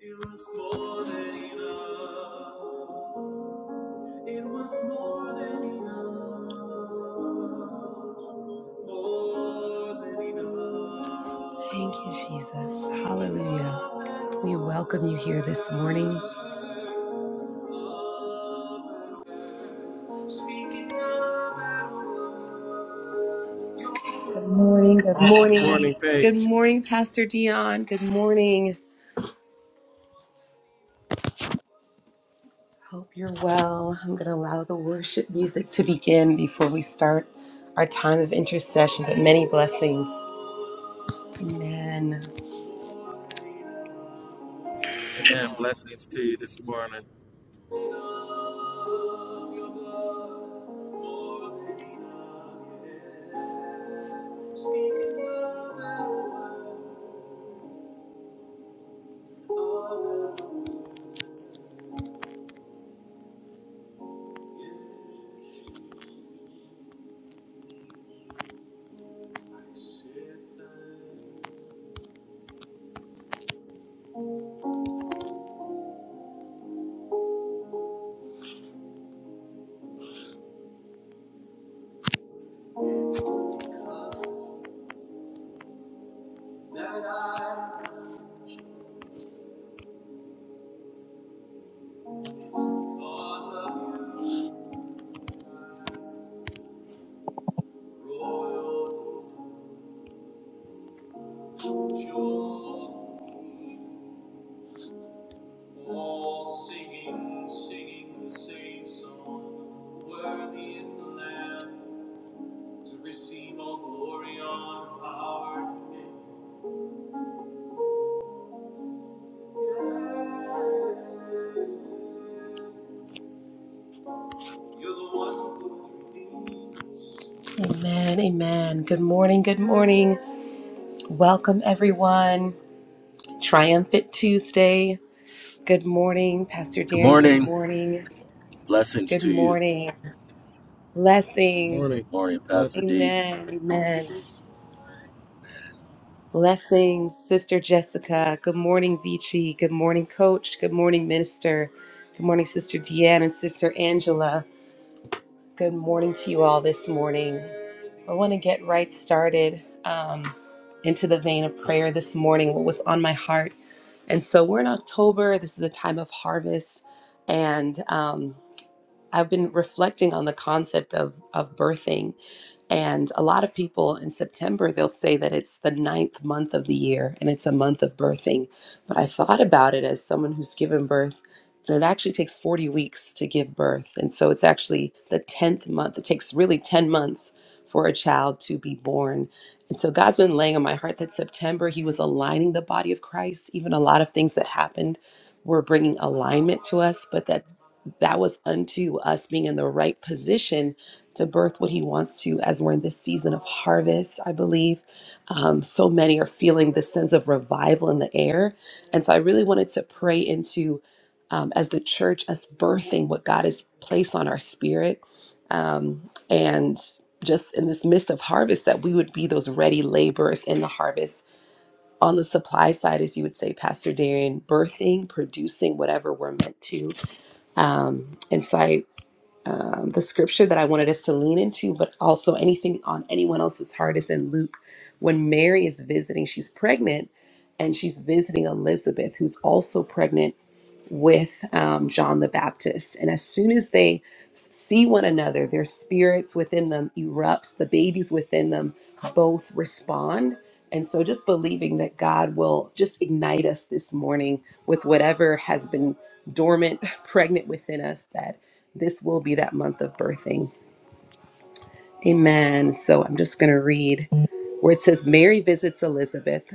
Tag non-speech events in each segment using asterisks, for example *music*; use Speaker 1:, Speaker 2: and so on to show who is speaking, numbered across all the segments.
Speaker 1: It was more than enough. It was more than enough. More than enough. Thank you, Jesus. Hallelujah. We welcome you here this morning. Speaking of it all. Good morning. Good
Speaker 2: Good
Speaker 1: morning.
Speaker 2: morning,
Speaker 1: Good
Speaker 2: Paige.
Speaker 1: morning, Pastor Dion. Good morning. Hope you're well. I'm going to allow the worship music to begin before we start our time of intercession, but many blessings. Amen.
Speaker 2: Amen. Blessings to you this morning.
Speaker 1: Singing, singing the same song, worthy is the Lamb. to receive all glory, honor, and power. You're the one who redeems. Amen. Amen. Good morning. Good morning. Welcome, everyone. Triumphant Tuesday. Good morning, Pastor
Speaker 3: Good
Speaker 1: Darren. Good
Speaker 3: morning.
Speaker 1: morning.
Speaker 3: Blessings
Speaker 1: Good
Speaker 3: to you.
Speaker 1: morning.
Speaker 2: Good
Speaker 1: Blessings.
Speaker 2: morning.
Speaker 3: Morning, Pastor D.
Speaker 2: Blessings.
Speaker 1: Amen. Amen. Blessings, Sister Jessica. Good morning, Vici. Good morning, Coach. Good morning, Minister. Good morning, Sister Deanne and Sister Angela. Good morning to you all this morning. I want to get right started um, into the vein of prayer this morning, what was on my heart. And so we're in October. This is a time of harvest. And um, I've been reflecting on the concept of, of birthing and a lot of people in September, they'll say that it's the ninth month of the year and it's a month of birthing. But I thought about it as someone who's given birth, and it actually takes 40 weeks to give birth. And so it's actually the 10th month. It takes really 10 months for a child to be born. And so God's been laying on my heart that September, He was aligning the body of Christ. Even a lot of things that happened were bringing alignment to us, but that that was unto us being in the right position to birth what he wants to as we're in this season of harvest i believe um, so many are feeling this sense of revival in the air and so i really wanted to pray into um, as the church us birthing what god has placed on our spirit um, and just in this midst of harvest that we would be those ready laborers in the harvest on the supply side as you would say pastor darian birthing producing whatever we're meant to um, and so I um, the scripture that I wanted us to lean into, but also anything on anyone else's heart is in Luke. When Mary is visiting, she's pregnant and she's visiting Elizabeth, who's also pregnant with um, John the Baptist. And as soon as they s- see one another, their spirits within them erupts, the babies within them both respond. And so just believing that God will just ignite us this morning with whatever has been dormant, *laughs* pregnant within us, that this will be that month of birthing. Amen. So I'm just going to read where it says Mary visits Elizabeth.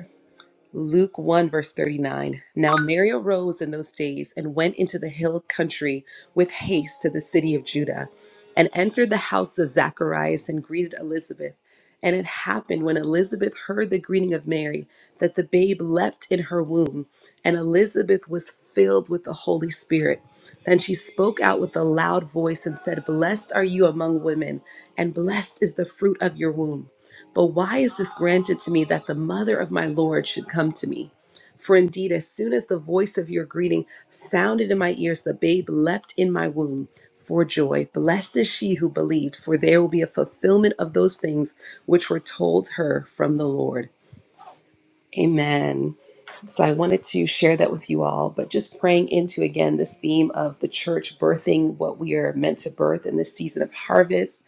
Speaker 1: Luke 1, verse 39. Now Mary arose in those days and went into the hill country with haste to the city of Judah and entered the house of Zacharias and greeted Elizabeth. And it happened when Elizabeth heard the greeting of Mary that the babe leapt in her womb, and Elizabeth was filled with the Holy Spirit. Then she spoke out with a loud voice and said, Blessed are you among women, and blessed is the fruit of your womb. But why is this granted to me that the mother of my Lord should come to me? For indeed, as soon as the voice of your greeting sounded in my ears, the babe leapt in my womb for joy. Blessed is she who believed, for there will be a fulfillment of those things which were told her from the Lord. Amen. So I wanted to share that with you all, but just praying into again this theme of the church birthing what we are meant to birth in this season of harvest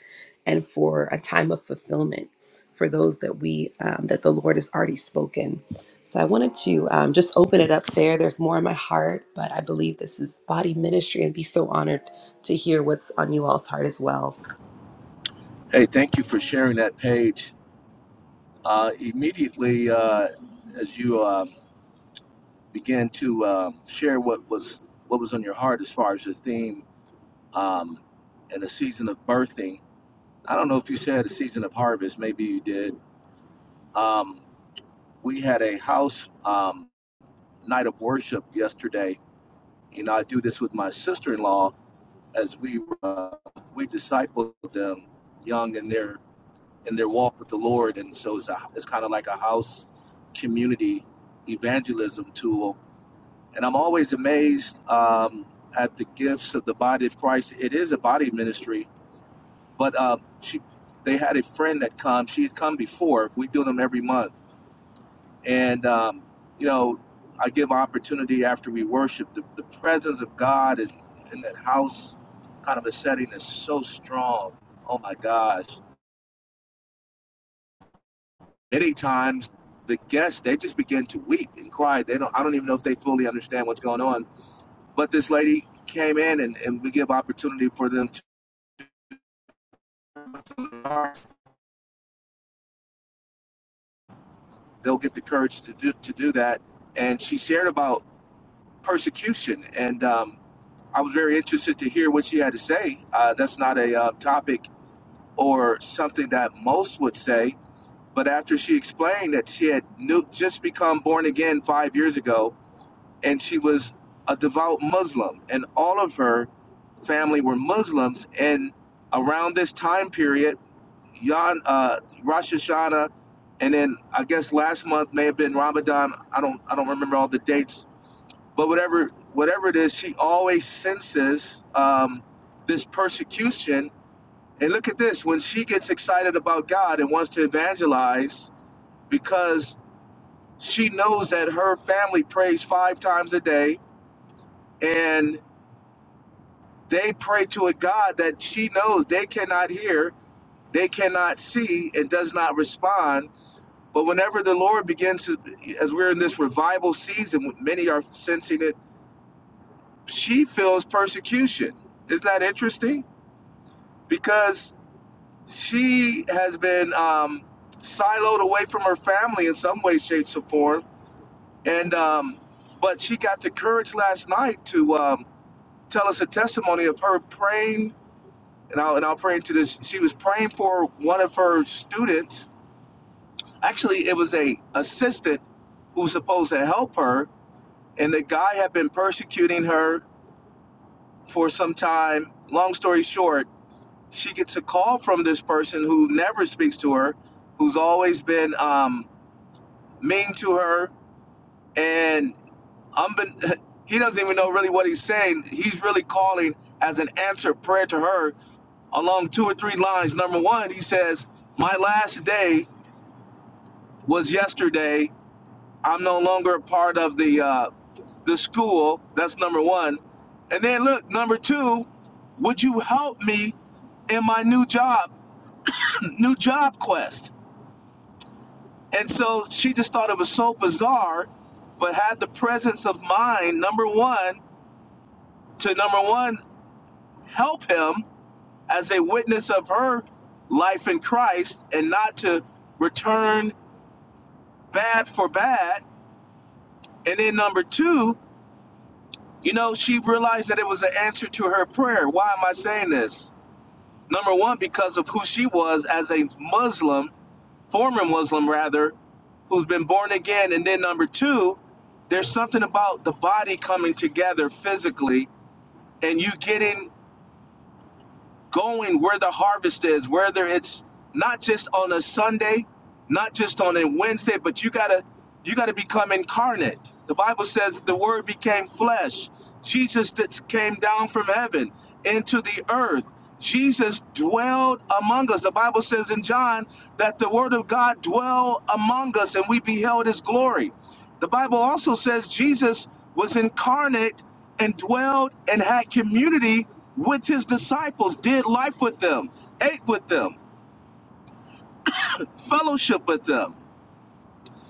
Speaker 1: and for a time of fulfillment for those that we um, that the Lord has already spoken. So I wanted to um, just open it up there. There's more in my heart, but I believe this is body ministry and be so honored to hear what's on you all's heart as well.
Speaker 3: Hey, thank you for sharing that page. Uh, immediately, uh, as you um began to um, share what was what was on your heart as far as the theme um, and the season of birthing, I don't know if you said a season of harvest. Maybe you did. Um, we had a house um, night of worship yesterday. You know, I do this with my sister-in-law as we uh, we disciple them young in their in their walk with the Lord. And so it's, a, it's kind of like a house community evangelism tool. And I'm always amazed um, at the gifts of the body of Christ. It is a body ministry, but uh, she, they had a friend that come. She had come before. We do them every month. And, um, you know, I give opportunity after we worship. The, the presence of God in, in that house kind of a setting is so strong. Oh my gosh many times the guests they just begin to weep and cry they don't i don't even know if they fully understand what's going on but this lady came in and, and we give opportunity for them to they'll get the courage to do, to do that and she shared about persecution and um, i was very interested to hear what she had to say uh, that's not a uh, topic or something that most would say but after she explained that she had new, just become born again five years ago and she was a devout Muslim, and all of her family were Muslims. And around this time period, Yon, uh, Rosh Hashanah, and then I guess last month may have been Ramadan. I don't I don't remember all the dates, but whatever whatever it is, she always senses um, this persecution. And look at this: when she gets excited about God and wants to evangelize, because she knows that her family prays five times a day, and They pray to a God that she knows they cannot hear, they cannot see, and does not respond. But whenever the Lord begins to, as we're in this revival season, many are sensing it, she feels persecution. Isn't that interesting? Because she has been um, siloed away from her family in some way, shape, or form. And, um, but she got the courage last night to um, tell us a testimony of her praying and I'll and I'll pray into this. She was praying for one of her students. Actually, it was a assistant who was supposed to help her, and the guy had been persecuting her for some time. Long story short, she gets a call from this person who never speaks to her, who's always been um, mean to her, and I'm been, *laughs* he doesn't even know really what he's saying. He's really calling as an answered prayer to her along two or three lines. Number one, he says, "My last day was yesterday. I'm no longer a part of the uh, the school." That's number one. And then look, number two, would you help me in my new job, new job quest? And so she just thought it was so bizarre, but had the presence of mind. Number one to number one help him as a witness of her life in Christ and not to return bad for bad. And then number two, you know, she realized that it was an answer to her prayer. Why am I saying this? Number one, because of who she was as a Muslim, former Muslim rather, who's been born again. And then number two, there's something about the body coming together physically and you getting going where the harvest is, whether it's not just on a Sunday, not just on a Wednesday, but you gotta you gotta become incarnate. The Bible says that the word became flesh. Jesus that came down from heaven into the earth. Jesus dwelled among us. The Bible says in John that the word of God dwelled among us and we beheld his glory. The Bible also says Jesus was incarnate and dwelled and had community with his disciples, did life with them, ate with them, fellowship with them.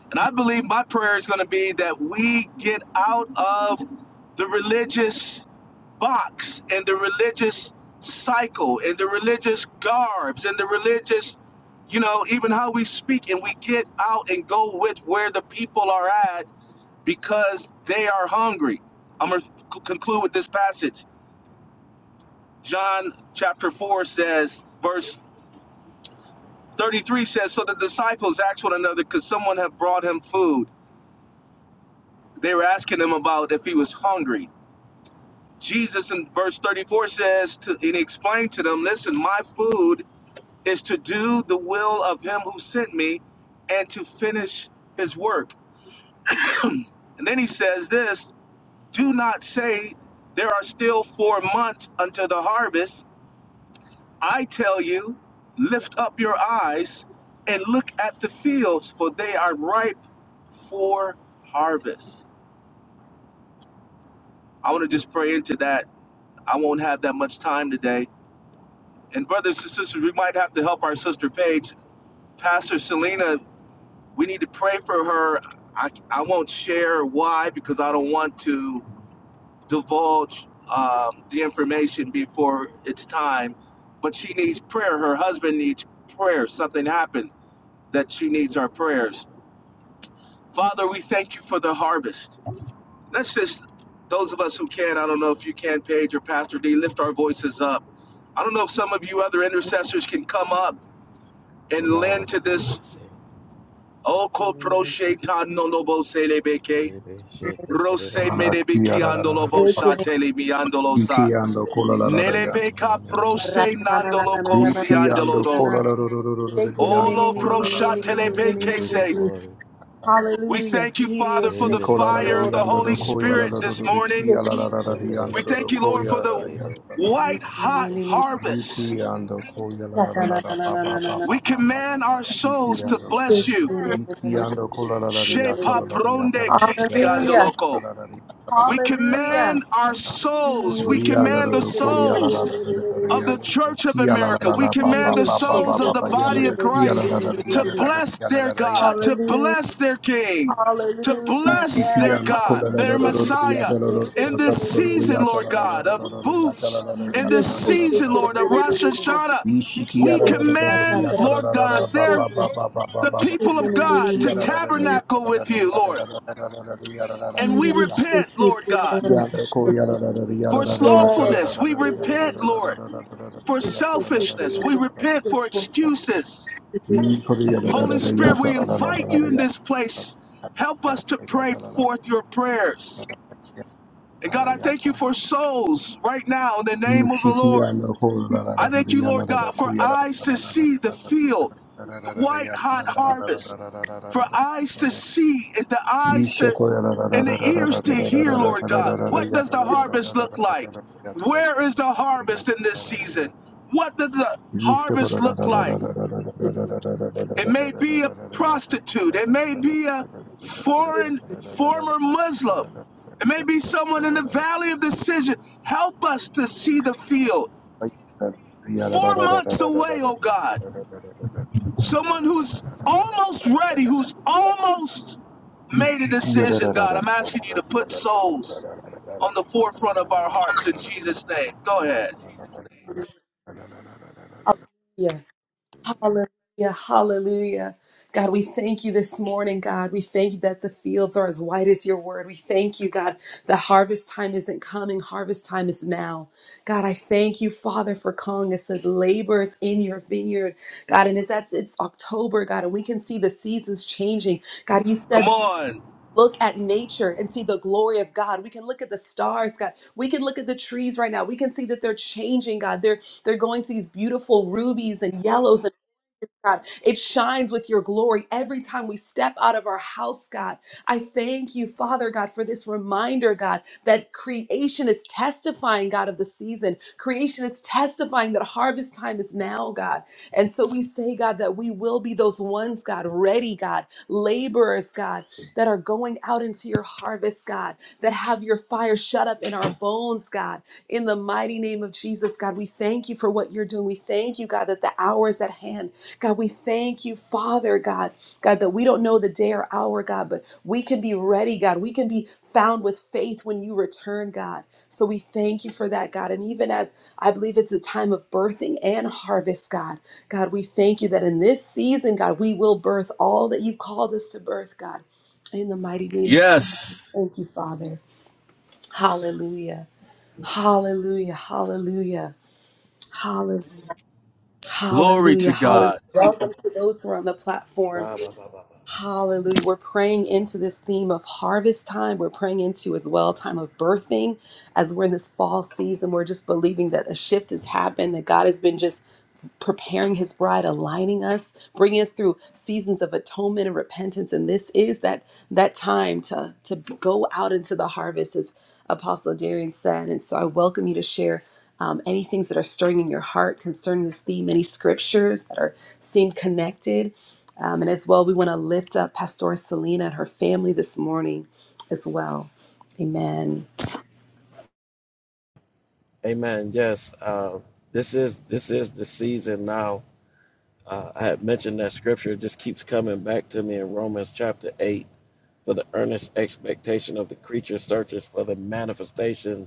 Speaker 3: And I believe my prayer is going to be that we get out of the religious box and the religious cycle and the religious garbs and the religious, you know, even how we speak and we get out and go with where the people are at because they are hungry. I'm going to conclude with this passage. John chapter 4 says, verse 33 says, So the disciples asked one another, Could someone have brought him food? They were asking him about if he was hungry. Jesus in verse 34 says, to, and he explained to them, Listen, my food is to do the will of him who sent me and to finish his work. And then he says this Do not say, There are still four months until the harvest. I tell you, lift up your eyes and look at the fields, for they are ripe for harvest. I want to just pray into that. I won't have that much time today. And brothers and sisters, we might have to help our sister Paige. Pastor Selena, we need to pray for her. I, I won't share why because I don't want to divulge um, the information before it's time. But she needs prayer. Her husband needs prayer. Something happened that she needs our prayers. Father, we thank you for the harvest. Let's just, those of us who can, I don't know if you can, Paige or Pastor D, lift our voices up. I don't know if some of you other intercessors can come up and lend to this.
Speaker 2: Rababababase,
Speaker 3: Oh, no
Speaker 2: rebe shete kerebasa,
Speaker 4: Iki ando kola la la la yata. yata.
Speaker 2: nananamasete kerebasa.
Speaker 4: Rikiando kola la la la la la la yando
Speaker 3: Olo
Speaker 4: kola la la la la yata.
Speaker 2: Yes, we give you glory.
Speaker 4: yata.
Speaker 3: We
Speaker 1: Hallelujah.
Speaker 3: thank you, Father, for the
Speaker 4: Ikola la
Speaker 2: Rebebebe
Speaker 4: la
Speaker 3: fire of the
Speaker 4: yando
Speaker 2: shete
Speaker 3: Holy
Speaker 4: do koya la
Speaker 3: Spirit
Speaker 4: la
Speaker 2: kerebosa,
Speaker 4: la
Speaker 3: this
Speaker 4: la
Speaker 3: morning.
Speaker 4: kia la la la la
Speaker 2: shindele
Speaker 3: We
Speaker 4: yando do
Speaker 3: thank
Speaker 4: do
Speaker 3: you, Lord,
Speaker 4: koya
Speaker 3: for
Speaker 2: kerebasa
Speaker 4: la
Speaker 3: the
Speaker 4: la la
Speaker 2: keredo.
Speaker 4: yata la la la.
Speaker 3: white
Speaker 4: la.
Speaker 3: hot
Speaker 2: Yes, shete kerebebe.
Speaker 3: harvest.
Speaker 4: Rikiando koya la la la la la ba ba ba
Speaker 3: We
Speaker 2: Yes,
Speaker 4: ba ba
Speaker 2: thank
Speaker 4: ba
Speaker 2: you,
Speaker 4: ba
Speaker 3: command
Speaker 2: God.
Speaker 4: ba
Speaker 3: our souls to
Speaker 4: shikiando. ando.
Speaker 3: bless you.
Speaker 4: Riki ando kola la la la yata la la la
Speaker 3: Shepapronde
Speaker 4: yata la la la la la la
Speaker 1: Hallelujah.
Speaker 4: yata
Speaker 3: kistiandoloko.
Speaker 4: la la la yata la la la
Speaker 3: We
Speaker 4: yata la
Speaker 1: Hallelujah.
Speaker 4: la la
Speaker 3: command our
Speaker 4: yata.
Speaker 3: souls, we
Speaker 4: Rihanna da
Speaker 3: command the
Speaker 4: la ko ya la
Speaker 3: souls
Speaker 4: la la da da
Speaker 3: of the
Speaker 4: Rihanna da da
Speaker 3: Church of
Speaker 4: ki la la
Speaker 3: America.
Speaker 4: la
Speaker 3: We
Speaker 4: la ba ba
Speaker 3: command the
Speaker 4: ba ba ba
Speaker 3: souls
Speaker 4: ba
Speaker 3: of the
Speaker 4: ba Rihanna
Speaker 3: body
Speaker 4: da
Speaker 3: of
Speaker 4: ki ya la
Speaker 3: Christ
Speaker 4: la la ya
Speaker 3: to
Speaker 4: da la da la la
Speaker 3: bless
Speaker 4: Kia
Speaker 3: their
Speaker 4: la ya
Speaker 3: God,
Speaker 4: ta
Speaker 3: to
Speaker 1: Hallelujah.
Speaker 3: bless their King, to
Speaker 1: Hallelujah.
Speaker 4: ki
Speaker 3: bless
Speaker 1: Yes.
Speaker 3: their
Speaker 4: la ko
Speaker 3: God,
Speaker 4: la Rihanna
Speaker 3: their
Speaker 4: Ishi
Speaker 1: Hallelujah.
Speaker 4: Kia la Kola la la la ya
Speaker 3: Messiah.
Speaker 4: la la
Speaker 3: In this season,
Speaker 4: ya ta
Speaker 3: Lord
Speaker 4: la la ya ta
Speaker 3: God,
Speaker 4: la la la la
Speaker 3: of
Speaker 4: la ya ta la
Speaker 3: booths,
Speaker 4: la la
Speaker 3: in
Speaker 4: ya ta
Speaker 3: this
Speaker 4: la la la
Speaker 3: season,
Speaker 4: la la
Speaker 3: Lord, of
Speaker 4: ya ta
Speaker 3: Rosh Hashanah,
Speaker 4: Ishi ki
Speaker 3: we
Speaker 4: la
Speaker 1: Yiri
Speaker 4: la la la la ya
Speaker 3: command,
Speaker 4: la
Speaker 3: Lord
Speaker 4: la la
Speaker 3: God,
Speaker 4: la ba
Speaker 3: their
Speaker 4: ba ba ba ba ba
Speaker 3: the
Speaker 4: ba ba
Speaker 1: Yes.
Speaker 3: people of
Speaker 4: Rihanna da
Speaker 3: God
Speaker 4: ki
Speaker 3: to
Speaker 4: ya la la la la ya
Speaker 3: tabernacle
Speaker 4: la la
Speaker 3: with
Speaker 4: la
Speaker 3: you,
Speaker 4: la
Speaker 3: Lord.
Speaker 4: la la la ya la la la
Speaker 3: And we
Speaker 4: ya
Speaker 3: repent, Lord God,
Speaker 4: Yata
Speaker 3: for slothfulness. We repent, Lord for selfishness. We repent for excuses. Holy Spirit, we invite you in this place. Help us to pray forth your prayers. And God, I thank you for souls right now in the name of the Lord. I thank you, Lord God, for eyes to see the field, the white hot harvest, for eyes to see and the eyes to and the ears to hear, Lord God. What does the harvest look like? Where is the harvest in this season? What does the
Speaker 4: Yalla
Speaker 3: harvest look like? It may be a prostitute. It may be a foreign former Muslim. It may be someone in the valley of decision. Help us to see the field. Four months away, oh God. Someone who's almost ready, who's almost made a decision, God. I'm asking you to put souls on the forefront of our hearts in Jesus' name. Go ahead.
Speaker 1: Yeah. Hallelujah. Hallelujah. God, we thank you this morning, God. We thank you that the fields are as white as your word. We thank you, God, that harvest time isn't coming. Harvest time is now. God, I thank you, Father, for calling us as laborers in your vineyard. God, and as that's it's October, God, and we can see the seasons changing. God, you
Speaker 3: Come
Speaker 1: said
Speaker 3: on.
Speaker 1: look at nature and see the glory of God. We can look at the stars, God. We can look at the trees right now. We can see that they're changing, God. They're they're going to these beautiful rubies and yellows God. It shines with your glory every time we step out of our house, God. I thank you, Father God, for this reminder, God, that creation is testifying, God, of the season. Creation is testifying that harvest time is now, God. And so we say, God, that we will be those ones, God, ready, God, laborers, God, that are going out into your harvest, God, that have your fire shut up in our bones, God. In the mighty name of Jesus, God, we thank you for what you're doing. We thank you, God, that the hour is at hand. God, we thank you, Father God, God, that we don't know the day or hour, God, but we can be ready, God. We can be found with faith when you return, God. So we thank you for that, God. And even as I believe it's a time of birthing and harvest, God, God, we thank you that in this season, God, we will birth all that you've called us to birth, God, in the mighty name.
Speaker 3: Yes.
Speaker 1: Thank you, Father. Hallelujah. Hallelujah. Hallelujah. Hallelujah.
Speaker 3: Glory
Speaker 1: Hallelujah.
Speaker 3: to
Speaker 1: Hallelujah.
Speaker 3: God.
Speaker 1: Welcome to those who are on the platform.
Speaker 2: Rababababase.
Speaker 1: Hallelujah. We're praying into this theme of harvest time. We're praying into as well time of birthing as we're in this fall season. We're just believing that a shift has happened, that God has been just preparing his bride aligning us bringing us through seasons of atonement and repentance and this is that that time to to go out into the harvest as apostle darian said and so i welcome you to share um, any things that are stirring in your heart concerning this theme any scriptures that are seem connected um, and as well we want to lift up pastor selena and her family this morning as well amen
Speaker 2: Amen. Yes, uh, this is this is the season now Uh, I had mentioned that scripture it just keeps coming back to me in Romans chapter 8 for the earnest expectation of the creature searches for the manifestation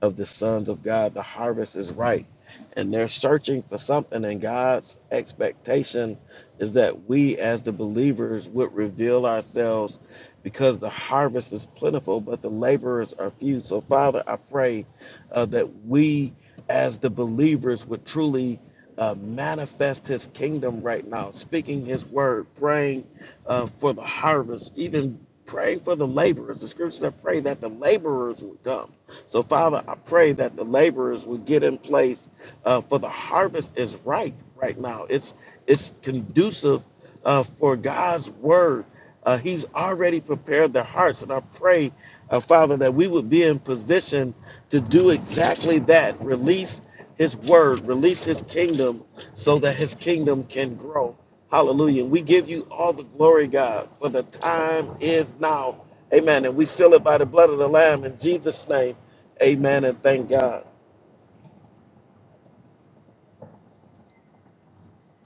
Speaker 2: of the sons of God. The harvest is ripe, and they're searching for something. And God's expectation is that we, as the believers, would reveal ourselves because the harvest is plentiful, but the laborers are few. So, Father, I pray uh, that we, as the believers, would truly. Uh, manifest his kingdom right now, speaking his word, praying uh, for the harvest, even Pray for the laborers. The scriptures said, pray that the laborers would come. So, Father, I pray that the laborers would get in place uh, for the harvest is ripe right now. It's it's conducive uh, for God's word. Uh, he's already prepared their hearts, and I pray, uh, Father, that we would be in position to do exactly that. Release His word, release His kingdom, so that His kingdom can grow. Hallelujah. We give you all the glory, God, for the time is now. Amen. And we seal it by the blood of the Lamb in Jesus' name. Amen. And thank God.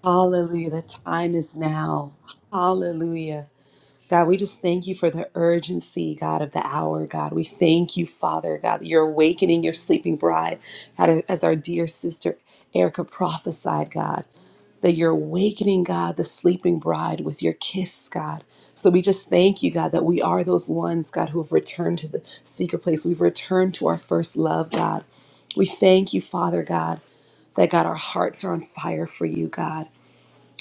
Speaker 1: hallelujah the time is now hallelujah God, we just thank you for the urgency, God, of the hour, God. We thank you, Father, God, that you're awakening your sleeping bride, God, as our dear sister Erica prophesied, God, that you're awakening, God, the sleeping bride with your kiss, God. So we just thank you, God, that we are those ones, God, who have returned to the secret place. We've returned to our first love, God. We thank you, Father, God, that, God, our hearts are on fire for you, God.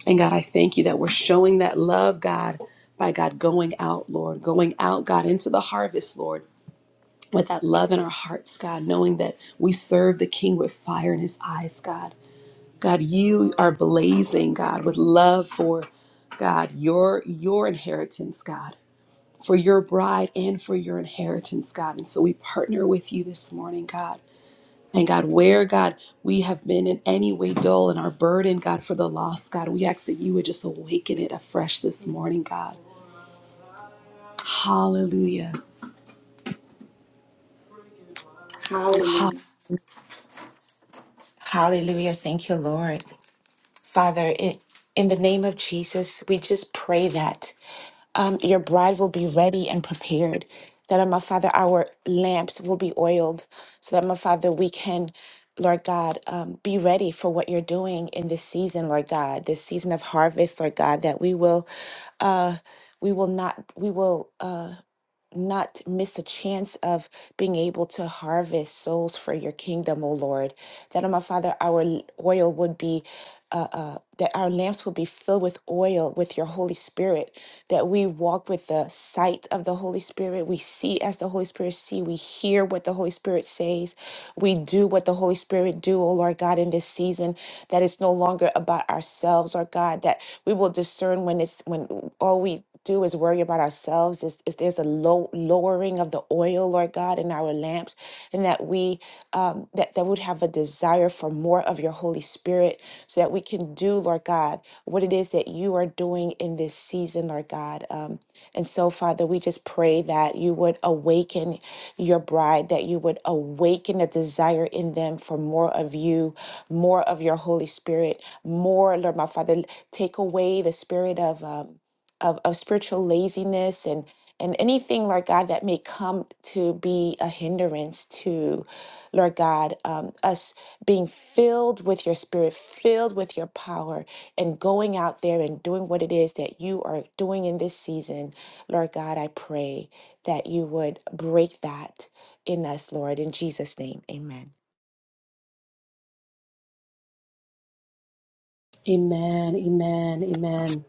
Speaker 1: And God, I thank you that we're showing that love, God, by God going out, Lord, going out, God, into the harvest, Lord. With that love in our hearts, God, knowing that we serve the King with fire in his eyes, God. God, you are blazing, God, with love for God, your your inheritance, God, for your bride and for your inheritance, God. And so we partner with you this morning, God. And God, where, God, we have been in any way dull in our burden, God, for the lost, God, we ask that you would just awaken it afresh this morning, God. Hallelujah.
Speaker 5: Hallelujah. Hallelujah. Thank you, Lord. Father, in, in the name of Jesus, we just pray that um, your bride will be ready and prepared. That, um, my Father, our lamps will be oiled so that, my Father, we can, Lord God, um, be ready for what you're doing in this season, Lord God, this season of harvest, Lord God, that we will, uh, we will not, we will. Uh, not miss a chance of being able to harvest souls for your kingdom, O Lord. That, oh my Father, our l- oil would be, uh, uh, that our lamps would be filled with oil with your Holy Spirit, that we walk with the sight of the Holy Spirit. We see as the Holy Spirit see. We hear what the Holy Spirit says. We do what the Holy Spirit do, O Lord God, in this season, that it's no longer about ourselves, or God, that we will discern when it's, when all we do is worry about ourselves. Is, is there's a low lowering of the oil, Lord God, in our lamps, and that we um, that that would have a desire for more of Your Holy Spirit, so that we can do, Lord God, what it is that You are doing in this season, Lord God. Um, and so, Father, we just pray that You would awaken Your bride, that You would awaken a desire in them for more of You, more of Your Holy Spirit, more, Lord, my Father, take away the spirit of um, of, of spiritual laziness and and anything, Lord God, that may come to be a hindrance to, Lord God, um, us being filled with your spirit, filled with your power, and going out there and doing what it is that you are doing in this season. Lord God, I pray that you would break that in us, Lord. In Jesus' name, amen.
Speaker 1: Amen, amen, amen.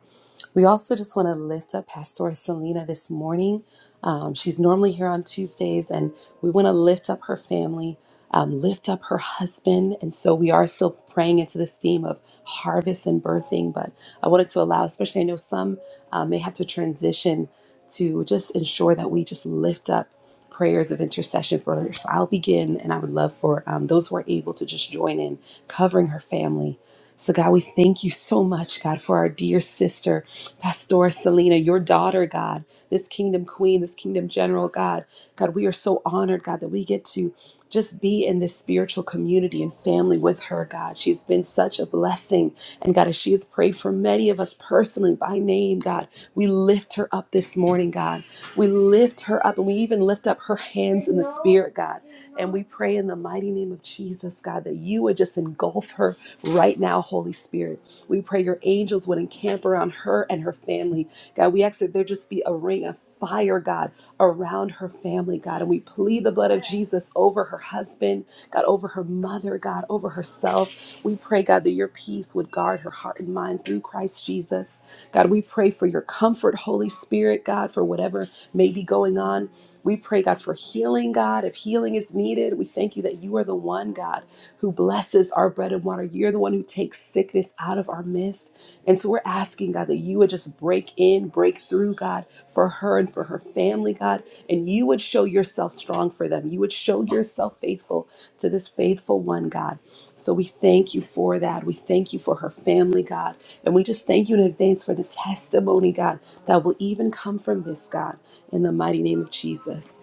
Speaker 1: We also just want to lift up Pastor Selena this morning. Um, she's normally here on Tuesdays, and we want to lift up her family, um, lift up her husband. And so we are still praying into this theme of harvest and birthing. But I wanted to allow, especially I know some uh, may have to transition to just ensure that we just lift up prayers of intercession for her. So I'll begin, and I would love for um, those who are able to just join in covering her family so, God, we thank you so much, God, for our dear sister, Pastora Selena, your daughter, God, this kingdom queen, this kingdom general, God. God, we are so honored, God, that we get to just be in this spiritual community and family with her, God. She's been such a blessing. And God, as she has prayed for many of us personally by name, God, we lift her up this morning, God. We lift her up and we even lift up her hands in the spirit, God. And we pray in the mighty name of Jesus, God, that you would just engulf her right now, Holy Spirit. We pray your angels would encamp around her and her family. God, we ask that there just be a ring of fire, God, around her family, God. And we plead the blood of Jesus over her husband, God, over her mother, God, over herself. We pray, God, that your peace would guard her heart and mind through Christ Jesus. God, we pray for your comfort, Holy Spirit, God, for whatever may be going on. We pray, God, for healing, God. If healing is needed, we thank you that you are the one, God who blesses our bread and water. You're the one who takes sickness out of our midst. And so we're asking, God, that you would just break in, break through, God, for her and for her family, God, and you would show yourself strong for them. You would show yourself faithful to this faithful one, God. So we thank you for that. We thank you for her family, God. And we just thank you in advance for the testimony, God, that will even come from this, God, in the mighty name of Jesus.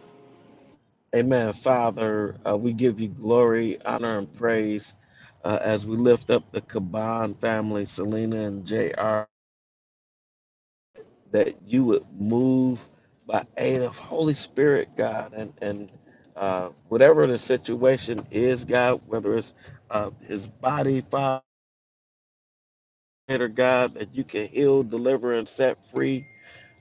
Speaker 2: Amen. Father, uh, we give you glory, honor, and praise uh, as we lift up the Kaban family, Selena and JR, that you would move by aid of Holy Spirit, God, and, and uh, whatever the situation is, God, whether it's uh, his body, Father Creator God, that you can heal, deliver, and set free.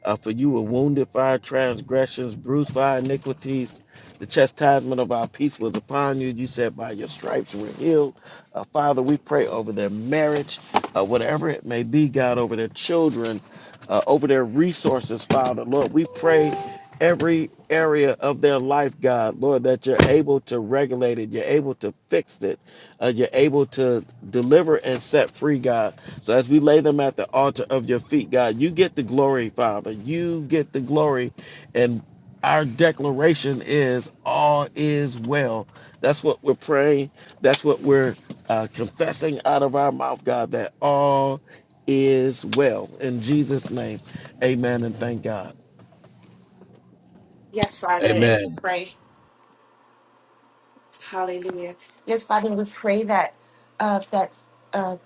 Speaker 2: Uh, for you were wounded for our transgressions, bruised for our iniquities. The chastisement of our peace was upon you. You said, By your stripes we're healed. Uh, Father, we pray over their marriage, uh, whatever it may be, God, over their children, uh, over their resources, Father. Lord, we pray every area of their life, God, Lord, that you're able to regulate it, you're able to fix it uh, you're able to deliver and set free, God. So as we lay them at the altar of your feet, God, you get the glory, Father. You get the glory. And our declaration is all is well. That's what we're praying. That's what we're uh, confessing out of our mouth, God, that all is well. In Jesus' name, amen and thank God.
Speaker 5: Yes, Father, I
Speaker 3: Amen.
Speaker 5: pray. Hallelujah. Yes, Father, we pray that uh, that uh,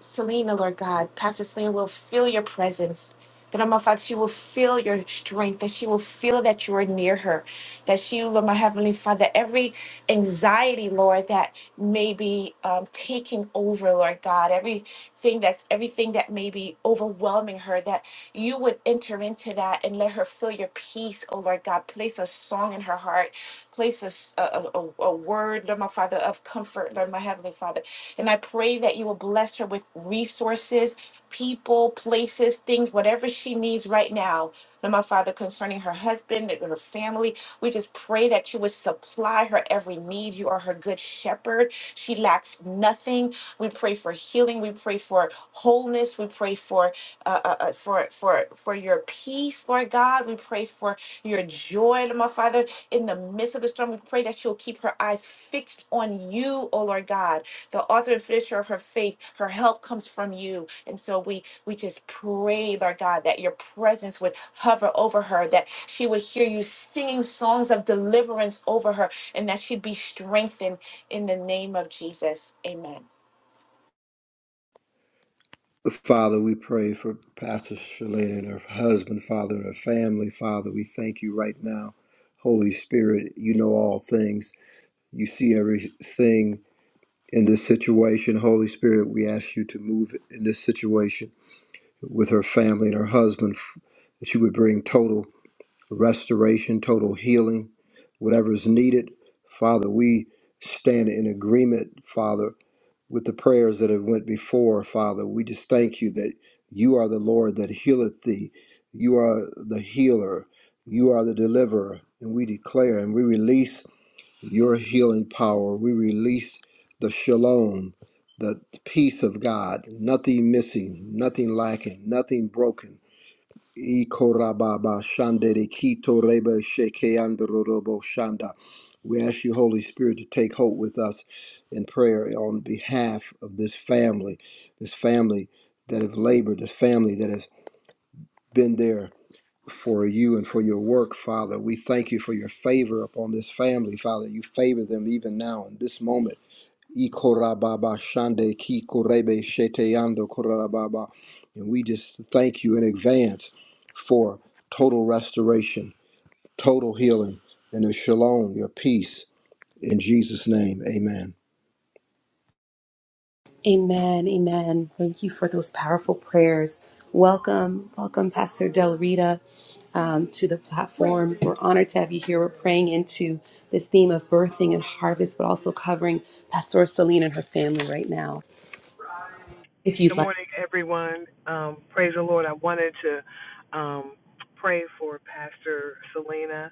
Speaker 5: Selena, Lord God, Pastor Selena will feel your presence. That, oh my Father, she will feel your strength, that she will feel that you are near her, that she, Lord, my Heavenly Father, every anxiety, Lord, that may be um, taking over, Lord God, everything that's everything that may be overwhelming her, that you would enter into that and let her feel your peace, oh Lord God. Place a song in her heart Place a a a a word, Lord my Father, of comfort, Lord my Heavenly Father. And I pray that you will bless her with resources, people, places, things, whatever she needs right now, Lord my Father, concerning her husband, her family. We just pray that you would supply her every need. You are her good shepherd. She lacks nothing. We pray for healing. We pray for wholeness. We pray for uh, uh, uh, for for for your peace, Lord God. We pray for your joy, Lord my Father, in the midst of the storm. We pray that she'll keep her eyes fixed on you, oh Lord God, the author and finisher of her faith. Her help comes from you, and so we we just pray, Lord God, that your presence would hover over her, that she would hear you singing songs of deliverance over her, and that she'd be strengthened in the name of Jesus. Amen.
Speaker 4: Father, we pray for Pastor Shalane and her husband, Father, and her family. Father, we thank you right now. Holy Spirit, you know all things. You see everything in this situation. Holy Spirit, we ask you to move in this situation with her family and her husband, f- that you would bring total restoration, total healing, whatever is needed. Father, we stand in agreement, Father, with the prayers that have went before, Father. We just thank you that you are the Lord that healeth thee. You are the healer. You are the deliverer. And we declare and we release your healing power. We release the shalom, the peace of God, nothing missing, nothing lacking, nothing broken Ikorababa shandere kito reba sheke shanda. We ask you, Holy Spirit, to take hold with us in prayer on behalf of this family, this family that have labored, this family that has been there for you and for your work, Father. We thank you for your favor upon this family, Father. You favor them even now in this moment. Ikorababa Shande Ki Korebe Shete Yando Korababa. And we just thank you in advance for total restoration, total healing, and a shalom, your peace. In Jesus' name, amen.
Speaker 1: Amen. Amen. Thank you for those powerful prayers. Welcome, welcome, Pastor Del Rita, um, to the platform. We're honored to have you here. We're praying into this theme of birthing and harvest, but also covering Pastor Celine and her family right now. If you'd
Speaker 6: Good
Speaker 1: like,
Speaker 6: morning, everyone. Um, praise the Lord. I wanted to um, pray for Pastor Selena.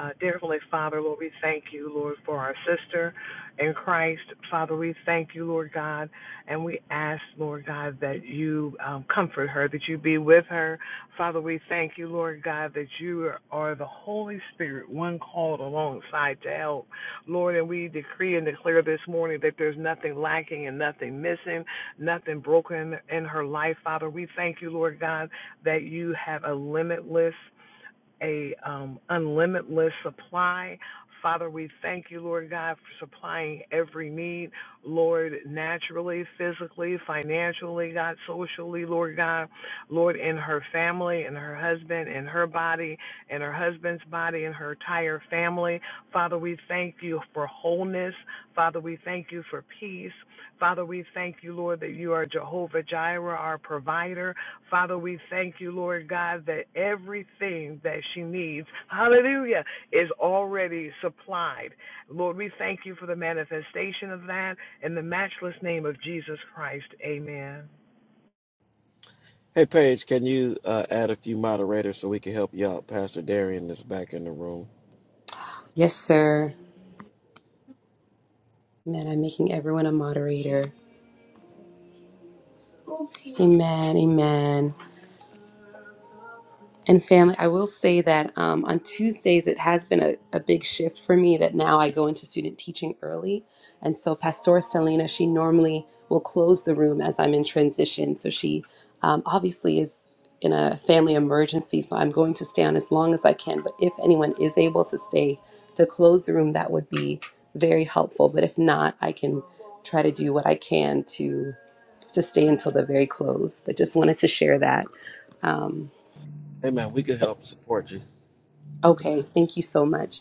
Speaker 6: Uh, dear Heavenly Father, Lord, we thank you, Lord, for our sister in Christ. Father, we thank you, Lord God, and we ask, Lord God, that you um, comfort her, that you be with her. Father, we thank you, Lord God, that you are, are the Holy Spirit, one called alongside to help. Lord, and we decree and declare this morning that there's nothing lacking and nothing missing nothing broken in her life, Father. We thank you, Lord God, that you have a limitless a um, unlimitless supply. Father, we thank you, Lord God, for supplying every need, Lord, naturally, physically, financially, God, socially, Lord God, Lord, in her family, in her husband, in her body, in her husband's body, in her entire family. Father, we thank you for wholeness. Father, we thank you for peace. Father, we thank you, Lord, that you are Jehovah Jireh, our provider. Father, we thank you, Lord God, that everything that she needs, hallelujah, is already supplied. Lord, we thank you for the manifestation of that in the matchless name of Jesus Christ. Amen.
Speaker 2: Hey, Paige, can you uh, add a few moderators so we can help you out? Pastor Darian is back in the room.
Speaker 1: yes, sir. Amen. I'm making everyone a moderator. Amen. Amen. And family, I will say that um, on Tuesdays, it has been a, a big shift for me that now I go into student teaching early. And so Pastor Selena, she normally will close the room as I'm in transition. So she um, obviously is in a family emergency. So I'm going to stay on as long as I can. But if anyone is able to stay to close the room, that would be very helpful. But if not, I can try to do what I can to to stay until the very close. But just wanted to share that. um,
Speaker 2: Amen. We can help support you.
Speaker 1: Okay,
Speaker 2: Amen.
Speaker 1: thank you so much.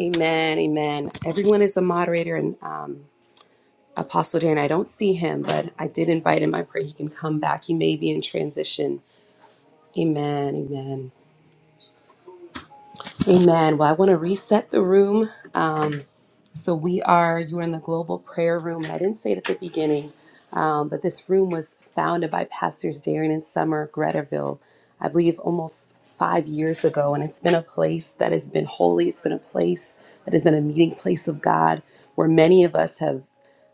Speaker 1: Amen, amen. Everyone is a moderator and um, Apostle Darren. I don't see him, but I did invite him. I pray he can come back. He may be in transition. Amen, amen, amen. Well, I want to reset the room. Um, So we are, you are in the global prayer room. And I didn't say it at the beginning, um, but this room was founded by Pastors Darian and Summer Gretterville, I believe almost five years ago. And it's been a place that has been holy. It's been a place that has been a meeting place of God where many of us have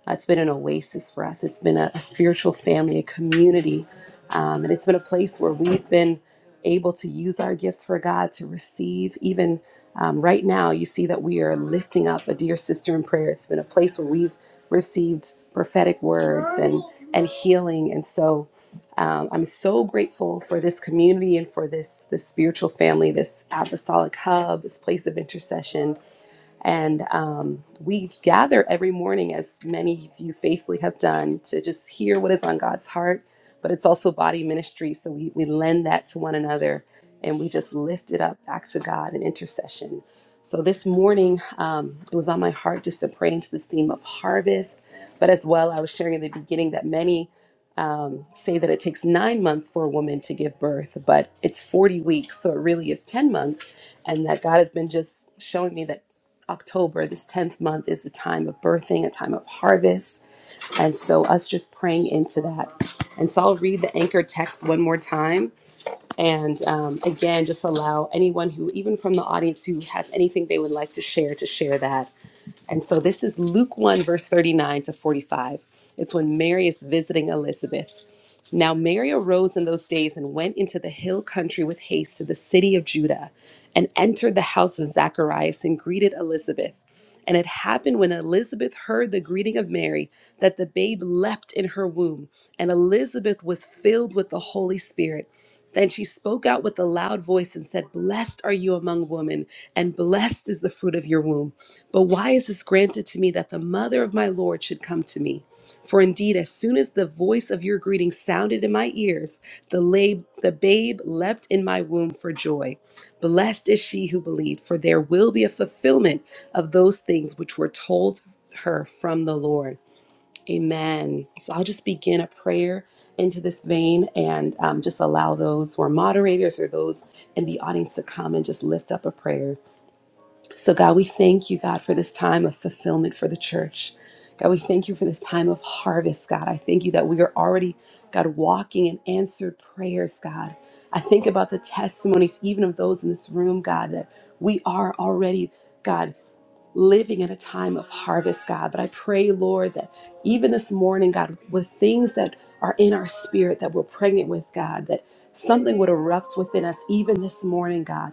Speaker 1: it's been an oasis for us. It's been a, a spiritual family, a community, um, and it's been a place where we've been able to use our gifts for God to receive. Even um, right now, you see that we are lifting up a dear sister in prayer. It's been a place where we've received prophetic words and and healing, and so. Um, I'm so grateful for this community and for this this spiritual family, this apostolic hub, this place of intercession, and um, we gather every morning, as many of you faithfully have done, to just hear what is on God's heart. But it's also body ministry. So we, we lend that to one another and we just lift it up back to God in intercession. So this morning, um, it was on my heart just to pray into this theme of harvest. But as well, I was sharing in the beginning that many um, say that it takes nine months for a woman to give birth, but it's 40 weeks, so it really is 10 months. And that God has been just showing me that October, this 10th month, is a time of birthing, a time of harvest. And so, us just praying into that. And so, I'll read the anchor text one more time. And um, again, just allow anyone who, even from the audience, who has anything they would like to share, to share that. And so, this is Luke 1, verse 39 to 45. It's when Mary is visiting Elizabeth. Now Mary arose in those days and went into the hill country with haste to the city of Judah, and entered the house of Zacharias and greeted Elizabeth. And it happened when Elizabeth heard the greeting of Mary that the babe leapt in her womb, and Elizabeth was filled with the Holy Spirit. Then she spoke out with a loud voice and said, Blessed are you among women, and blessed is the fruit of your womb. But why is this granted to me that the mother of my Lord should come to me? For indeed, as soon as the voice of your greeting sounded in my ears, the, lab, the babe leapt in my womb for joy. Blessed is she who believed, for there will be a fulfillment of those things which were told her from the Lord. Amen. So I'll just begin a prayer into this vein and um, just allow those who are moderators or those in the audience to come and just lift up a prayer. So, God, we thank you, God, for this time of fulfillment for the church. God, we thank you for this time of harvest, God. I thank you that we are already, God, walking in answered prayers, God. I think about the testimonies, even of those in this room, God, that we are already, God living in a time of harvest, God. But I pray, Lord, that even this morning, God, with things that are in our spirit that we're pregnant with, God, that something would erupt within us, even this morning, God,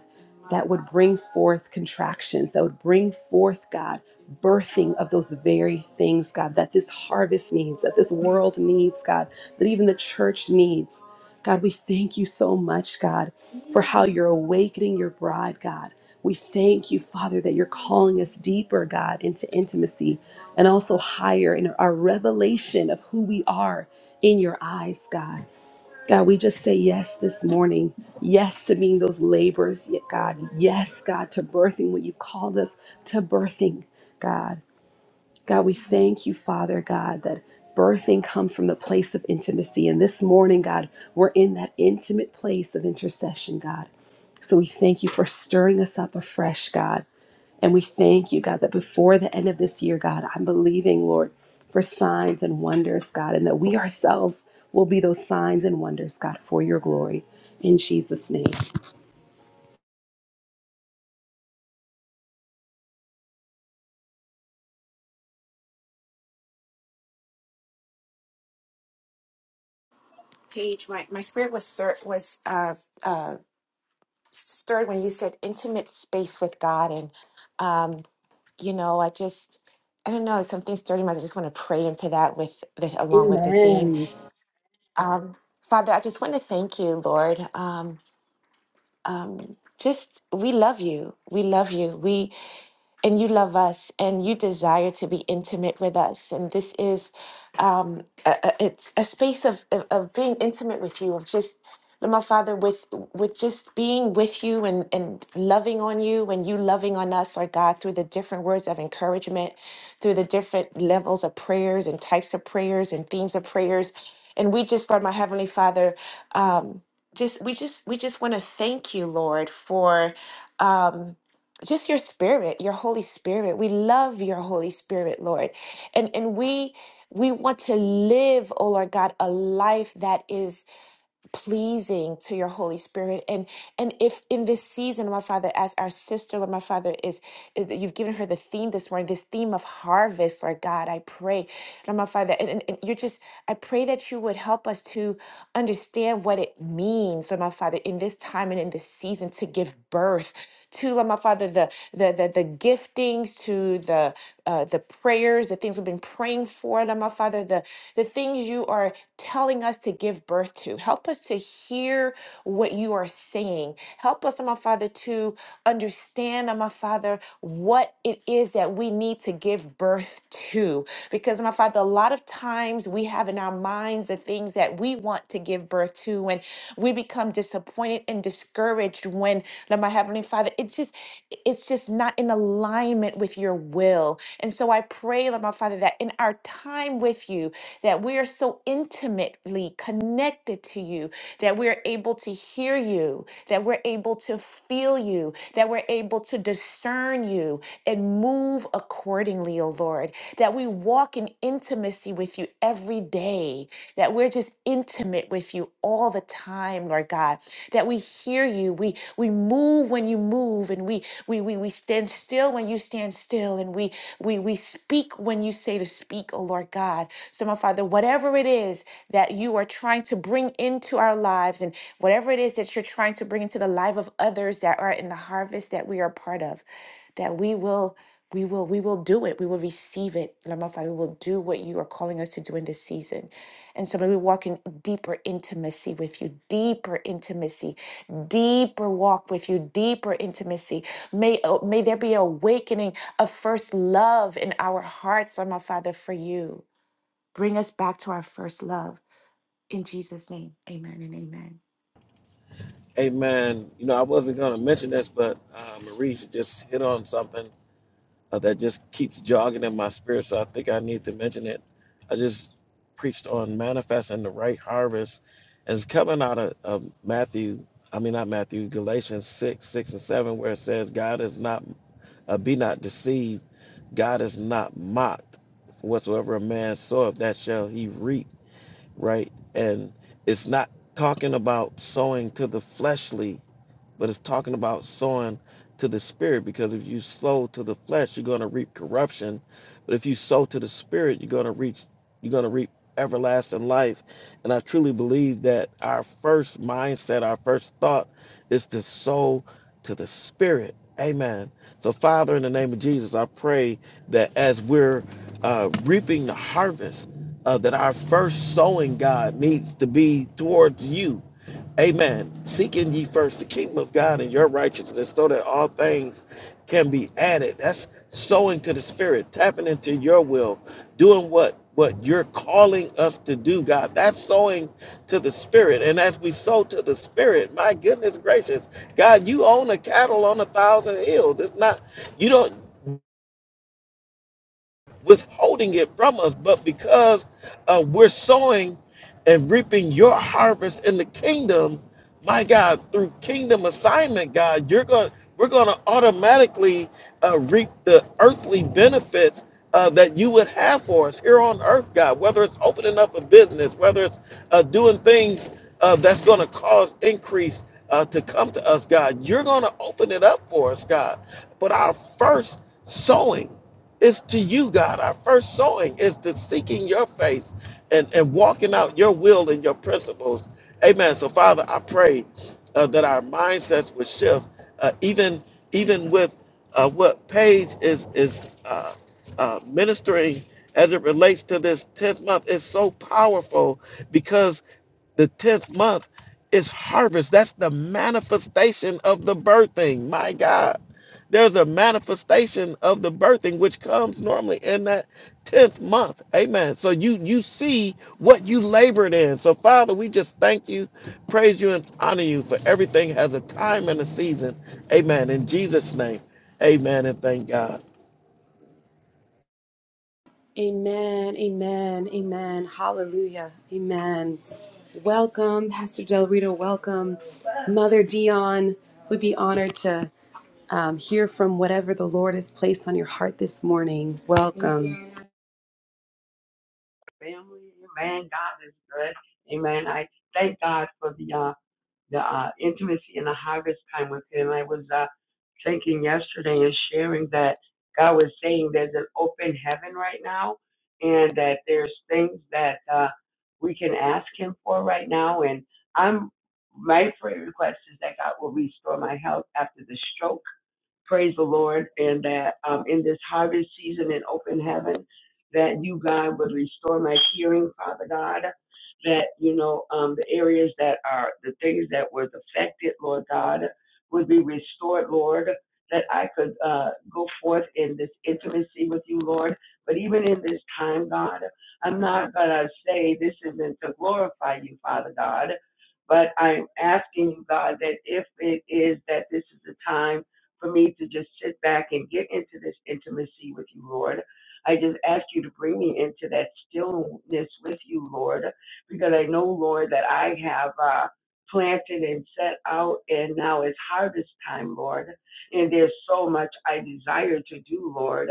Speaker 1: that would bring forth contractions, that would bring forth, God, birthing of those very things, God, that this harvest needs, that this world needs, God, that even the church needs. God, we thank you so much, God, for how you're awakening your bride, God. We thank you, Father, that you're calling us deeper, God, into intimacy and also higher in our revelation of who we are in your eyes, God. God, we just say yes this morning. Yes to being those laborers, yet God. Yes, God, to birthing what you've called us to birthing, God. God, we thank you, Father God, that birthing comes from the place of intimacy. And this morning, God, we're in that intimate place of intercession, God. So we thank you for stirring us up afresh, God. And we thank you, God, that before the end of this year, God, I'm believing, Lord, for signs and wonders, God, and that we ourselves will be those signs and wonders, God, for your glory. In Jesus' name.
Speaker 5: Paige, my, my spirit was ser- was uh, stirred when you said intimate space with God. And, um, you know, I just, I don't know, something stirred in my. I just want to pray into that with the, along with the theme.
Speaker 1: Amen.
Speaker 5: Um, Father, I just want to thank you, Lord. Um, um, just, we love you. We love you. We and you love us and you desire to be intimate with us and this is um a, a- it's a space of, of of being intimate with you of just Lord, my father with with just being with you and and loving on you and you loving on us Lord god through the different words of encouragement through the different levels of prayers and types of prayers and themes of prayers and we just lord my heavenly father um just we just we just want to thank you lord for um, just your spirit your holy spirit we love your holy spirit lord and and we we want to live oh lord god a life that is pleasing to your holy spirit and and if in this season my father as our sister lord my father is is that you've given her the theme this morning this theme of harvest lord god i pray lord my father and, and, and you're just i pray that you would help us to understand what it means lord my father in this time and in this season to give birth to Lord my Father the the the, the giftings, to the uh, the prayers, the things we've been praying for, Lord my Father, the the things you are telling us to give birth to. Help us to hear what you are saying. Help us, Lord my Father, to understand, Lord my Father, what it is that we need to give birth to. Because, Lord my Father, a lot of times we have in our minds the things that we want to give birth to, and we become become disappointed and discouraged when, Lord, my Heavenly Father, it just, it's just not in alignment with your will. And so I pray, Lord, my Father, that in our time with you, that we are so intimately connected to you, that we're able to hear you, that we're able to feel you, that we're able to discern you and move accordingly, O Lord, that we walk in intimacy with you every day, that we're just intimate with you all the time, Lord God, that we hear you. We we move when you move and we we we, we stand still when you stand still and we we we speak when you say to speak, oh Lord God. So my Father, whatever it is that you are trying to bring into our lives and whatever it is that you're trying to bring into the life of others that are in the harvest that we are part of, that we will we will we will do it. We will receive it. Lord my Father, we will do what you are calling us to do in this season. And so may we walk in deeper intimacy with you, deeper intimacy, deeper walk with you, deeper intimacy. May, uh, may there be awakening of first love in our hearts, Lord my Father, for you. Bring us back to our first love. In Jesus' name, amen
Speaker 2: Amen. You know, I wasn't going to mention this, but uh, Marie just hit on something uh, that just keeps jogging in my spirit, so I think I need to mention it. I just preached on manifesting the right harvest, and it's coming out of, of Matthew. I mean, not Matthew, Galatians six, six and seven, where it says, "God is not, uh, be not deceived. God is not mocked. Whatsoever a man soweth, that shall he reap." right? And it's not talking about sowing to the fleshly but it's talking about sowing to the spirit because if you sow to the flesh you're going to reap corruption but if you sow to the spirit you're going to reach you're going to reap everlasting life and i truly believe that our first mindset our first thought is to sow to the spirit amen so father in the name of jesus i pray that as we're uh, reaping the harvest uh, that our first sowing god needs to be towards you Amen. Seeking ye first the kingdom of God and your righteousness so that all things can be added. That's sowing to the spirit, tapping into your will, doing what what you're calling us to do, God. That's sowing to the spirit. And as we sow to the spirit, my goodness gracious, God, you own a cattle on a thousand hills. It's not you don't withholding it from us, but because uh, we're sowing and reaping your harvest in the kingdom, my God, through kingdom assignment, God, you're going we're going to automatically uh, reap the earthly benefits uh, that you would have for us here on earth, God. Whether it's opening up a business, whether it's uh, doing things uh, that's going to cause increase uh, to come to us, God, you're going to open it up for us, God. But our first sowing it's to you, God. Our first sowing is to seeking your face and, and walking out your will and your principles. Amen. So, Father, I pray uh, that our mindsets would shift, uh, even even with uh, what Paige is is uh, uh, ministering as it relates to this tenth month. It's so powerful because the tenth month is harvest. That's the manifestation of the birthing. My God. There's a manifestation of the birthing which comes normally in that 10th month. Amen. So you you see what you labored in. So Father, we just thank you, praise you and honor you for everything has a time and a season. Amen. In Jesus name. Amen and thank God.
Speaker 1: Amen, amen, amen. Hallelujah, amen. Welcome, Pastor Del Rito. Welcome, Mother Dion. We'd be honored to um, hear from whatever the Lord has placed on your heart this morning. Welcome.
Speaker 7: family. Amen. God is good. Amen. I thank God for the uh, the uh, intimacy and the harvest time with Him. I was uh, thinking yesterday and sharing that God was saying there's an open heaven right now, and that there's things that uh, we can ask Him for right now. And I'm my prayer request is that God will restore my health after the stroke praise the Lord, and that um, in this harvest season in open heaven, that you, God, would restore my hearing, Father God, that, you know, um, the areas that are the things that was affected, Lord God, would be restored, Lord, that I could uh, go forth in this intimacy with you, Lord. But even in this time, God, I'm not going to say this isn't to glorify you, Father God, but I'm asking you, God, that if it is that this is the time, for me to just sit back and get into this intimacy with you, Lord. I just ask you to bring me into that stillness with you, Lord, because I know, Lord, that I have uh, planted and set out, and now it's harvest time, Lord. And there's so much I desire to do, Lord